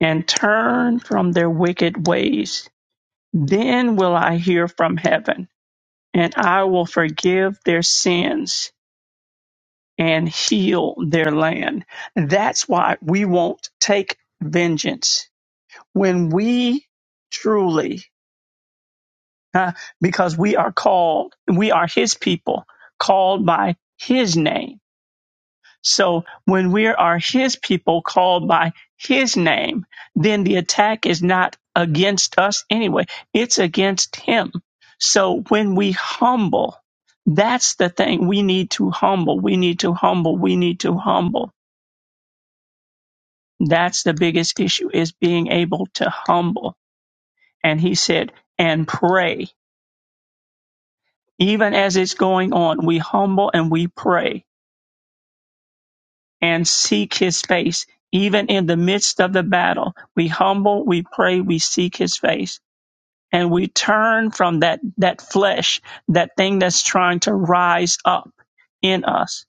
and turn from their wicked ways, then will I hear from heaven and I will forgive their sins and heal their land. That's why we won't take vengeance. When we truly, uh, because we are called, we are his people, called by his name. So when we are his people called by his name, then the attack is not against us anyway. It's against him. So when we humble, that's the thing we need to humble. We need to humble. We need to humble That's the biggest issue is being able to humble. And he said, and pray. Even as it's going on, we humble and we pray and seek his face. Even in the midst of the battle, we humble, we pray, we seek his face. And we turn from that, that flesh, that thing that's trying to rise up in us.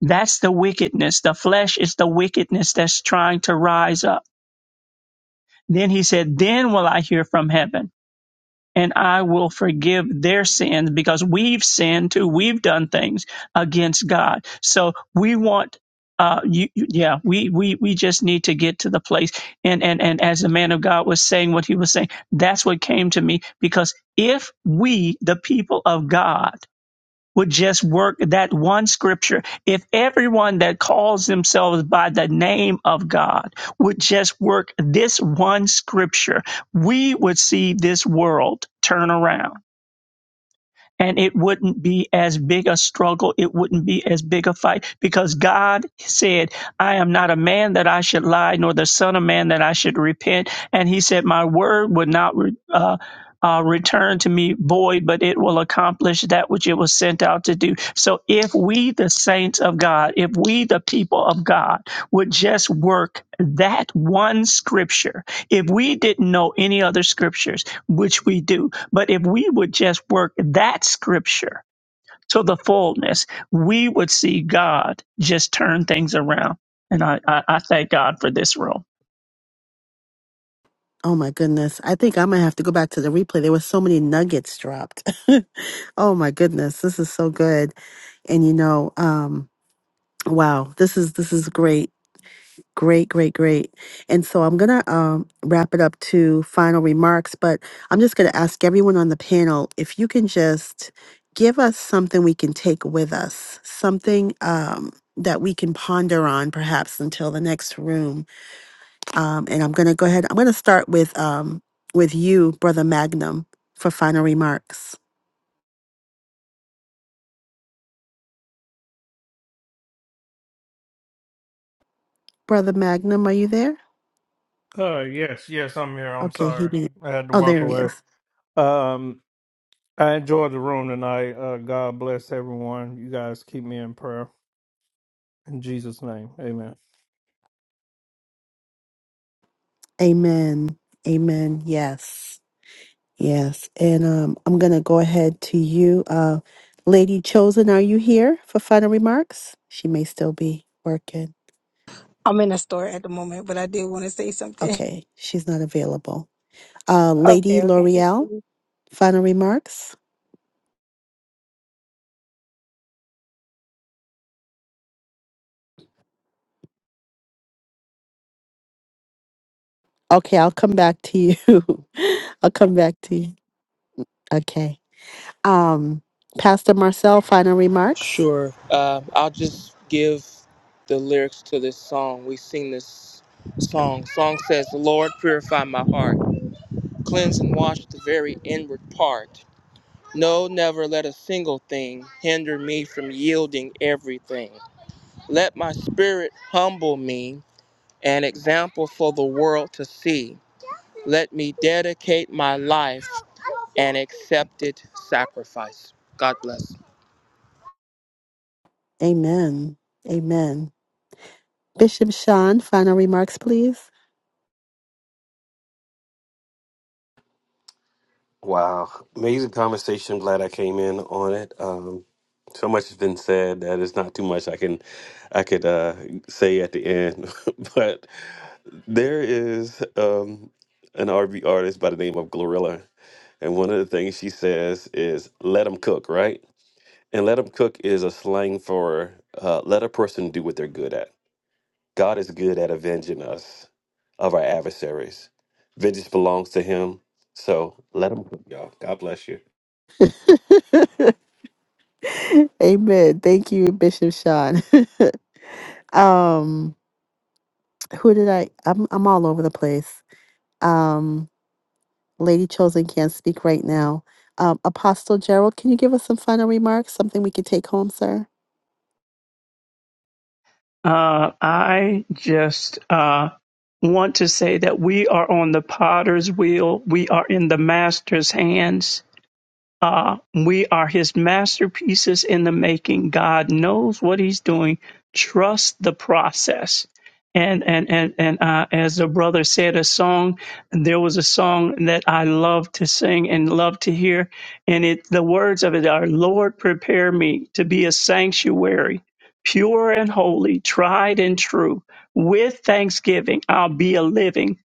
That's the wickedness. The flesh is the wickedness that's trying to rise up. Then he said, Then will I hear from heaven. and I will forgive their sins because we've sinned too. We've done things against God. So we want, uh, you, you- yeah, we, we, we just need to get to the place. And, and, and as the man of God was saying what he was saying, that's what came to me because if we, the people of God, would just work that one scripture, if everyone that calls themselves by the name of God would just work this one scripture, we would see this world turn around and it wouldn't be as big a struggle. It wouldn't be as big a fight because God said, I am not a man that I should lie, nor the son of man that I should repent. And he said, my word would not, re- uh, uh, return to me void, but it will accomplish that which it was sent out to do. So, if we, the saints of God, if we, the people of God, would just work that one scripture, if we didn't know any other scriptures, which we do, but if we would just work that scripture to the fullness, we would see God just turn things around. And I, I, I thank God for this room. Oh my goodness. I think I might have to go back to the replay. There were so many nuggets dropped. [laughs] oh my goodness. This is so good. And you know, um, wow, this is this is great. Great, great, great. And so I'm going to um, wrap it up to final remarks, but I'm just going to ask everyone on the panel if you can just give us something we can take with us, something um, that we can ponder on perhaps until the next room. Um, and I'm going to go ahead, I'm going to start with, um, with you, Brother Magnum, for final remarks. Brother Magnum, are you there? uh yes, yes, I'm here. I'm Okay, he sorry. did. I had to Oh, walk there he away. is. Um I enjoyed the room tonight. Uh God bless everyone. You guys keep me in prayer. In Jesus' name. Amen. Amen. Amen. Yes. Yes, and um, I'm going to go ahead to you. Uh, Lady Chosen, are you here for final remarks? She may still be working. I'm in a store at the moment, but I did want to say something. [laughs] Okay, she's not available. Uh, Okay, Lady okay. Thank L'Oreal, you. final remarks? Okay, I'll come back to you. [laughs] I'll come back to you. Okay. Um, Pastor Marcel, final remarks? Sure. Um, I'll just give the lyrics to this song. We sing this song. Song says, Lord, purify my heart, cleanse and wash the very inward part. No, never let a single thing hinder me from yielding everything. Let my spirit humble me, an example for the world to see. Let me dedicate my life an accepted sacrifice. God bless. Amen. Amen. Bishop Sean, final remarks, please. Wow, amazing conversation. Glad I came in on it. Um, so much has been said that it's not too much I can I could uh, say at the end, [laughs] but there is um, an R&B artist by the name of Glorilla, and one of the things she says is "let them cook," right? And "let them cook" is a slang for uh, let a person do what they're good at. God is good at avenging us of our adversaries. Vengeance belongs to him. So let him, y'all. God bless you. [laughs] Amen. Thank you, Bishop Sean. [laughs] um, who did I? I'm I'm all over the place. Um, Lady Chosen can't speak right now. Um, Apostle Gerald, can you give us some final remarks? Something we could take home, sir. Uh, I just uh, want to say that we are on the potter's wheel, we are in the master's hands Uh, we are his masterpieces in the making. God knows what he's doing. Trust the process. And and and and uh, as the brother said, a song. There was a song that I love to sing and love to hear, and it the words of it are, "Lord, prepare me to be a sanctuary, pure and holy, tried and true. With thanksgiving, I'll be a living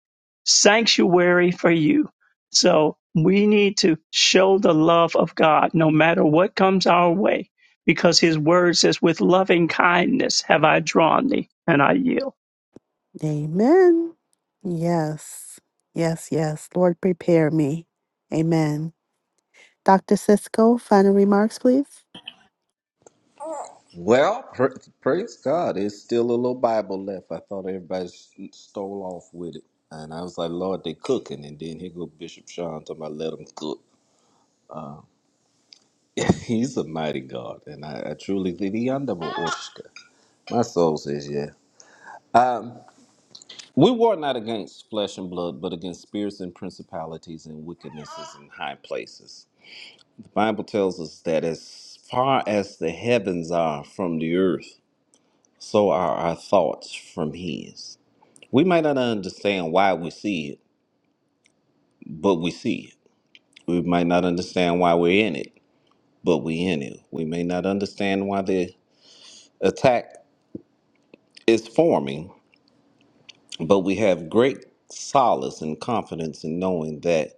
sanctuary for you." So we need to show the love of God no matter what comes our way, because his word says, with loving kindness have I drawn thee, and I yield. Amen. Yes. Yes, yes. Lord, prepare me. Amen. Dr. Cisco, final remarks, please. Well, pra praise God. There's still a little Bible left. I thought everybody s- stole off with it. And I was like, Lord, they cooking. And then here go Bishop Sean talking about let them cook. Uh, [laughs] he's a mighty God. And I, I truly think he under my Oscar. My soul says, yeah. Um, We war not against flesh and blood, but against spirits and principalities and wickednesses in high places. The Bible tells us that as far as the heavens are from the earth, so are our thoughts from His. We might not understand why we see it, but we see it. We might not understand why we're in it, but we in it. We may not understand why the attack is forming, but we have great solace and confidence in knowing that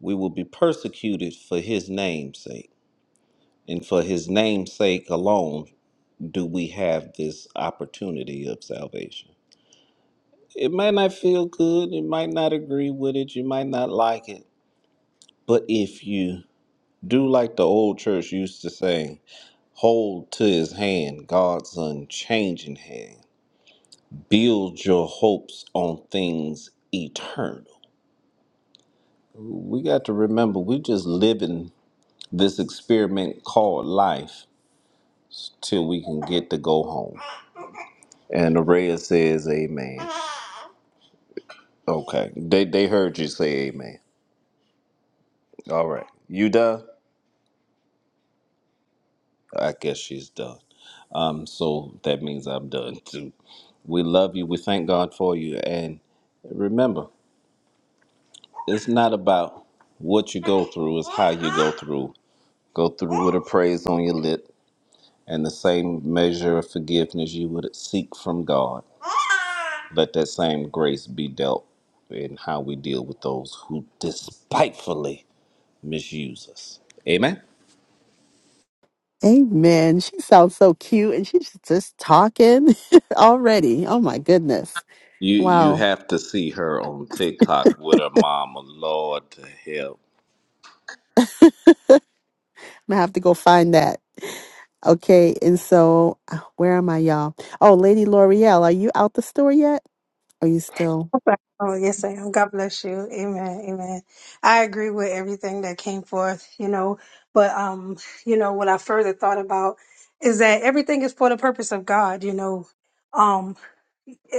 we will be persecuted for his name's sake. And for his name's sake alone do we have this opportunity of salvation. It might not feel good, you might not agree with it, you might not like it, but if you do like the old church used to say, hold to his hand, God's unchanging hand, build your hopes on things eternal. We got to remember, we're just living this experiment called life till we can get to go home. And Araya says amen. Okay. They they heard you say amen. All right. You done? I guess she's done. Um so that means I'm done too. We love you. We thank God for you and remember, it's not about what you go through, it's how you go through. Go through with a praise on your lip and the same measure of forgiveness you would seek from God Let that same grace be dealt in how we deal with those who despitefully misuse us. Amen. Amen. She sounds so cute and she's just talking [laughs] already. Oh my goodness. You you Wow. have to see her on TikTok with her mama. Lord to hell. I'm going to have to go find that. Okay. And so, uh, where am I, y'all? Oh, Lady L'Oreal, are you out the store yet? Are you still? Okay. Oh, yes, I am. God bless you. Amen. Amen. I agree with everything that came forth, you know, but, um, you know, what I further thought about is that everything is for the purpose of God, you know, um,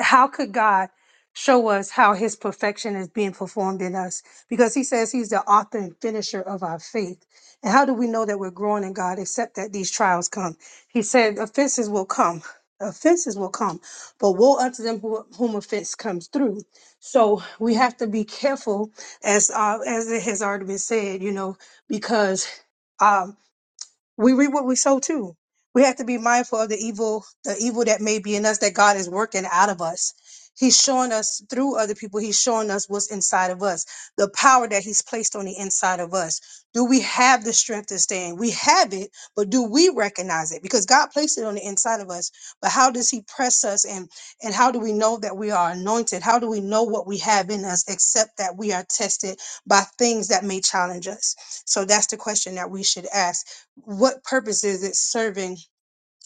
how could God show us how his perfection is being performed in us? Because he says he's the author and finisher of our faith. And how do we know that we're growing in God except that these trials come? He said offenses will come. Offenses will come, but woe unto them who, whom offense comes through. So we have to be careful, as uh, as it has already been said, you know, because. um, we reap what we sow too. We have to be mindful of the evil, the evil that may be in us that God is working out of us. He's showing us through other people, he's showing us what's inside of us, the power that he's placed on the inside of us. Do we have the strength to stand? We have it, but do we recognize it? Because God placed it on the inside of us. But how does he press us and and how do we know that we are anointed? How do we know what we have in us except that we are tested by things that may challenge us? So that's the question that we should ask what purpose is it serving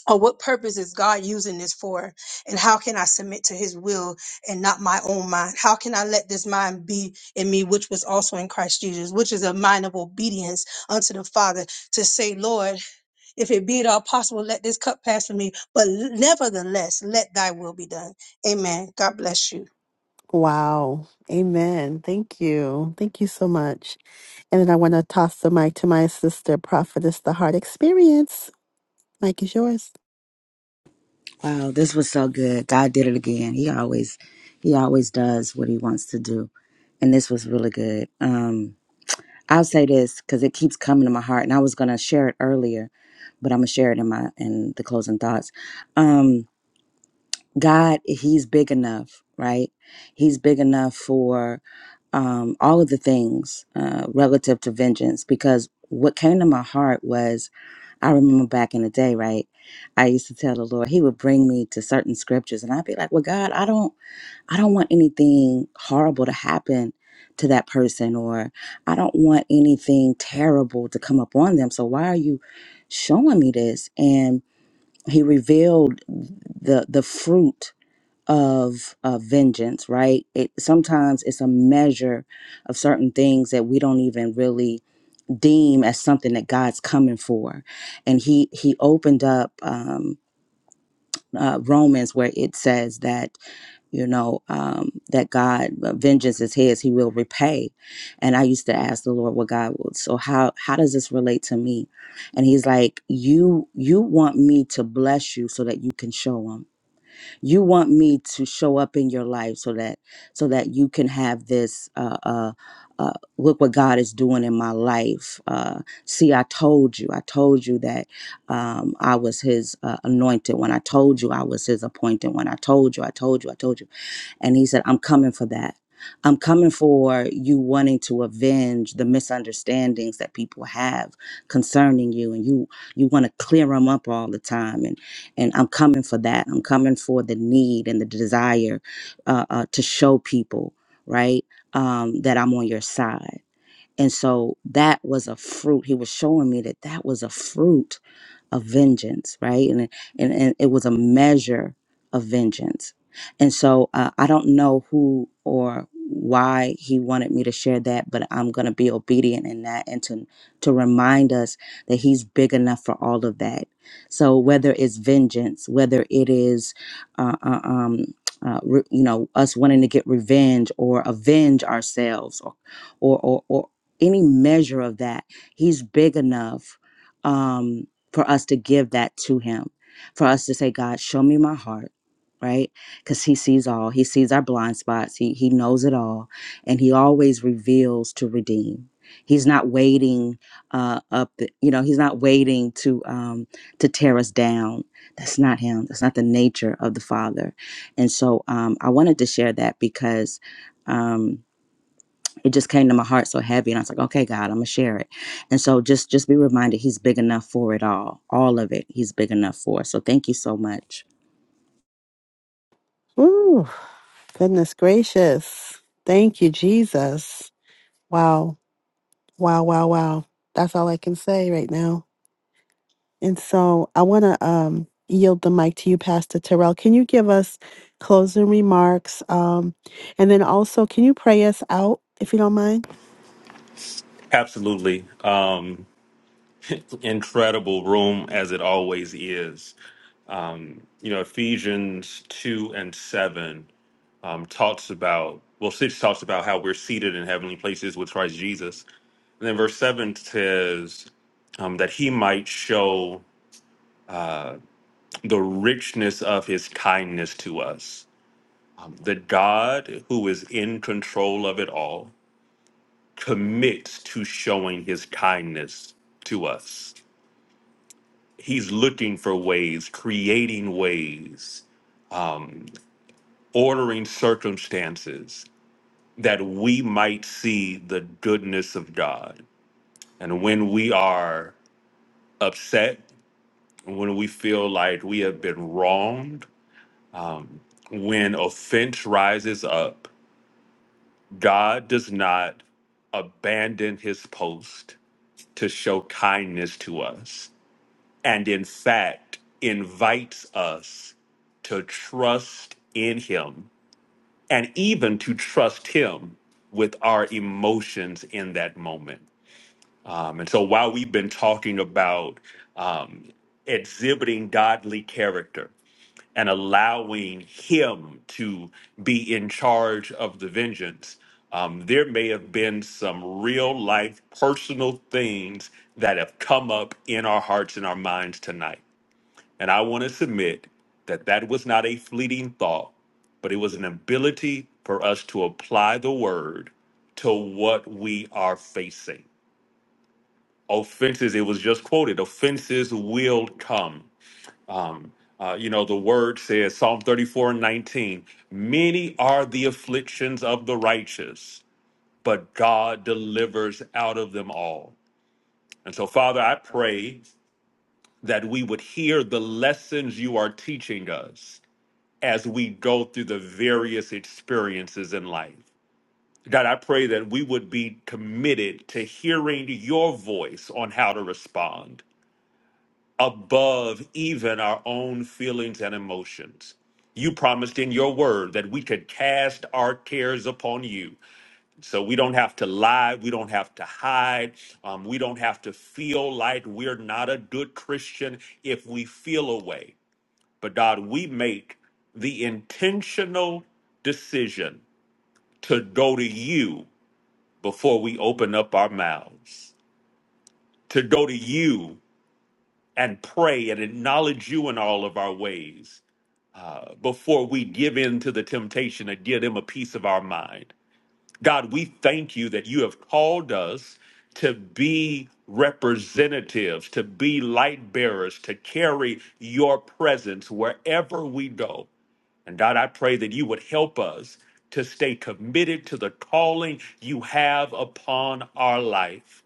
or what purpose is God using this for? And how can I submit to his will and not my own mind? How can I let this mind be in me, which was also in Christ Jesus, which is a mind of obedience unto the Father to say, Lord, if it be at all possible, let this cup pass from me, but nevertheless, let thy will be done. Amen. God bless you. Wow. Amen. Thank you. Thank you so much. And then I want to toss the mic to my sister, Prophetess the Heart Experience. Mic is yours. Wow, this was so good. God did it again. He always he always does what he wants to do. And this was really good. Um I'll say this cuz it keeps coming to my heart and I was going to share it earlier, but I'm going to share it in my in the closing thoughts. Um God, he's big enough, right? He's big enough for um all of the things uh relative to vengeance because what came to my heart was I remember back in the day, right? I used to tell the Lord, He would bring me to certain scriptures and I'd be like, Well, God, I don't I don't want anything horrible to happen to that person or I don't want anything terrible to come upon them. So why are you showing me this? And he revealed the the fruit of uh, vengeance, right? It sometimes it's a measure of certain things that we don't even really deem as something that God's coming for. And he he opened up um, uh, Romans where it says that you know um, that God uh, vengeance is His; He will repay. And I used to ask the Lord, "Well, God, well, so how how does this relate to me?" And He's like, "You you want me to bless you so that you can show 'em you want me to show up in your life so that so that you can have this uh uh, uh look what god is doing in my life uh see i told you i told you that um i was his uh, anointed when i told you i was his appointed when i told you i told you i told you and he said, I'm coming for that. I'm coming for you wanting to avenge the misunderstandings that people have concerning you and you you want to clear them up all the time and and I'm coming for that. I'm coming for the need and the desire uh, uh, to show people, right, um, that I'm on your side. And so that was a fruit. He was showing me that that was a fruit of vengeance, right? And it- and, and it was a measure of vengeance. And so uh, I don't know who or why he wanted me to share that, but I'm going to be obedient in that and to to remind us that he's big enough for all of that. So whether it's vengeance, whether it is uh, uh, um uh, re- you know us wanting to get revenge or avenge ourselves or or or, or any measure of that he's big enough Um, for us to give that to him for us to say god show me my heart right because he sees all he sees our blind spots he, he knows it all and he always reveals to redeem he's not waiting uh up the, you know he's not waiting to um to tear us down that's not him that's not the nature of the father and so um i wanted to share that because um it just came to my heart so heavy and i was like okay god i'm gonna share it and so just just be reminded he's big enough for it all all of it he's big enough for it. so thank you so much Ooh, goodness gracious. Thank you, Jesus. Wow. Wow, wow, wow. That's all I can say right now. And so I want to um, yield the mic to you, Pastor Terrell. Can you give us closing remarks? Um, and then also, can you pray us out, if you don't mind? absolutely um [laughs] incredible room as it always is you know ephesians 2 and 7 um, talks about well six talks about how we're seated in heavenly places with christ jesus and then verse seven says um, that he might show the richness of his kindness to us Um, that god who is in control of it all commits to showing his kindness to us he's looking for ways creating ways ordering circumstances that we might see the goodness of god And when we are upset, when we feel like we have been wronged, when offense rises up, God does not abandon his post to show kindness to us, and in fact, invites us to trust in him and even to trust him with our emotions in that moment. Um, and so while we've been talking about um, exhibiting godly character and allowing Him to be in charge of the vengeance, um, there may have been some real life personal things that have come up in our hearts and our minds tonight. And I want to submit that that was not a fleeting thought, but it was an ability for us to apply the word to what we are facing offenses it was just quoted offenses will come um uh, you know the word says psalm 34 and 19 many are the afflictions of the righteous but god delivers out of them all and so father i pray that we would hear the lessons you are teaching us as we go through the various experiences in life god i pray that we would be committed to hearing your voice on how to respond above even our own feelings and emotions. You promised in your word that we could cast our cares upon you. So we don't have to lie. We don't have to hide. Um, we don't have to feel like we're not a good Christian if we feel a way. But God, we make the intentional decision to go to you before we open up our mouths, to go to you and pray and acknowledge you in all of our ways uh, before we give in to the temptation to give them a piece of our mind. God, we thank you that you have called us to be representatives, to be light bearers, to carry your presence wherever we go. And God, I pray that you would help us to stay committed to the calling you have upon our life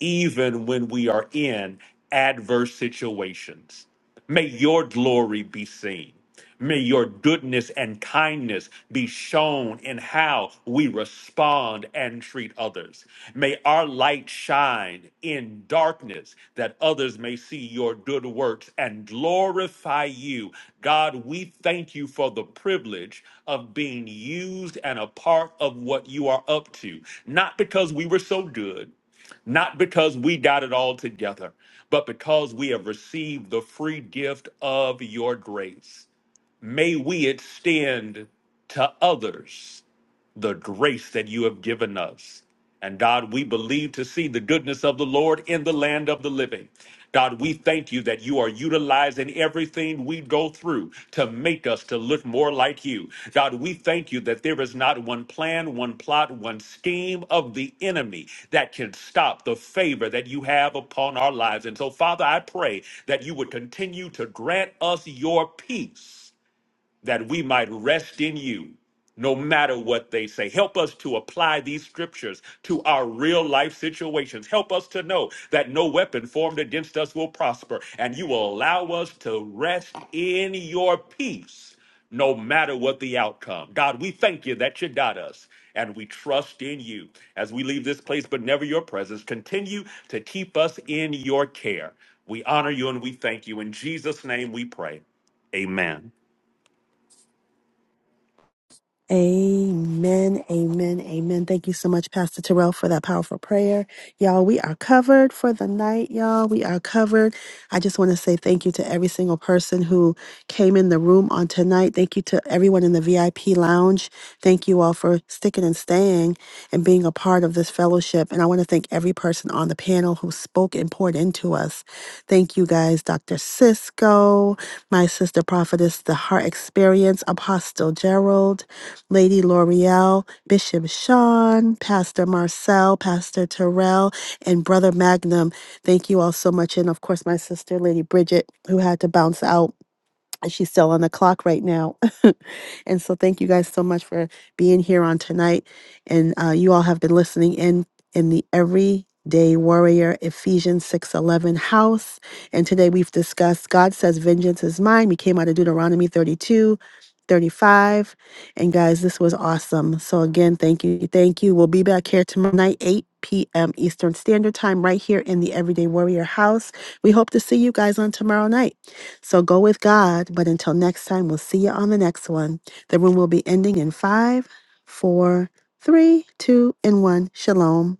even when we are in adverse situations. May your glory be seen. May your goodness and kindness be shown in how we respond and treat others. May our light shine in darkness that others may see your good works and glorify you. God, we thank you for the privilege of being used and a part of what you are up to, not because we were so good not because we got it all together, but because we have received the free gift of your grace. May we extend to others the grace that you have given us. And God, we believe to see the goodness of the Lord in the land of the living. God, we thank you that you are utilizing everything we go through to make us to look more like you. God, we thank you that there is not one plan, one plot, one scheme of the enemy that can stop the favor that you have upon our lives. And so, Father, I pray that you would continue to grant us your peace that we might rest in you no matter what they say. Help us to apply these scriptures to our real life situations. Help us to know that no weapon formed against us will prosper, and you will allow us to rest in your peace no matter what the outcome. God, we thank you that you got us. And we trust in you as we leave this place, but never your presence. Continue to keep us in your care. We honor you and we thank you. In Jesus' name we pray. Amen. Amen, amen, amen. Thank you so much, Pastor Terrell, for that powerful prayer. Y'all, we are covered for the night, y'all. We are covered. I just want to say thank you to every single person who came in the room on tonight. Thank you to everyone in the VIP lounge. Thank you all for sticking and staying and being a part of this fellowship. And I want to thank every person person on the panel who spoke and poured into us. Thank you guys, Dr. Cisco, my sister prophetess, the Heart Experience, Apostle Gerald, Lady L'Oreal, Bishop Sean, Pastor Marcel, Pastor Terrell, and Brother Magnum. Thank you all so much. And of course, my sister, Lady Bridget, who had to bounce out. She's still on the clock right now. [laughs] and so thank you guys so much for being here on tonight. And uh, you all have been listening in in the Everyday Warrior Ephesians 6:11 house. And today we've discussed God says vengeance is mine. We came out of Deuteronomy 32, 35, And guys, this was awesome. So again, thank you. Thank you. We'll be back here tomorrow night 8 p.m. Eastern Standard Time right here in the Everyday Warrior house. We hope to see you guys on tomorrow night. So go with God. But until next time, we'll see you on the next one. The room will be ending in five, four, three, two, and one. Shalom.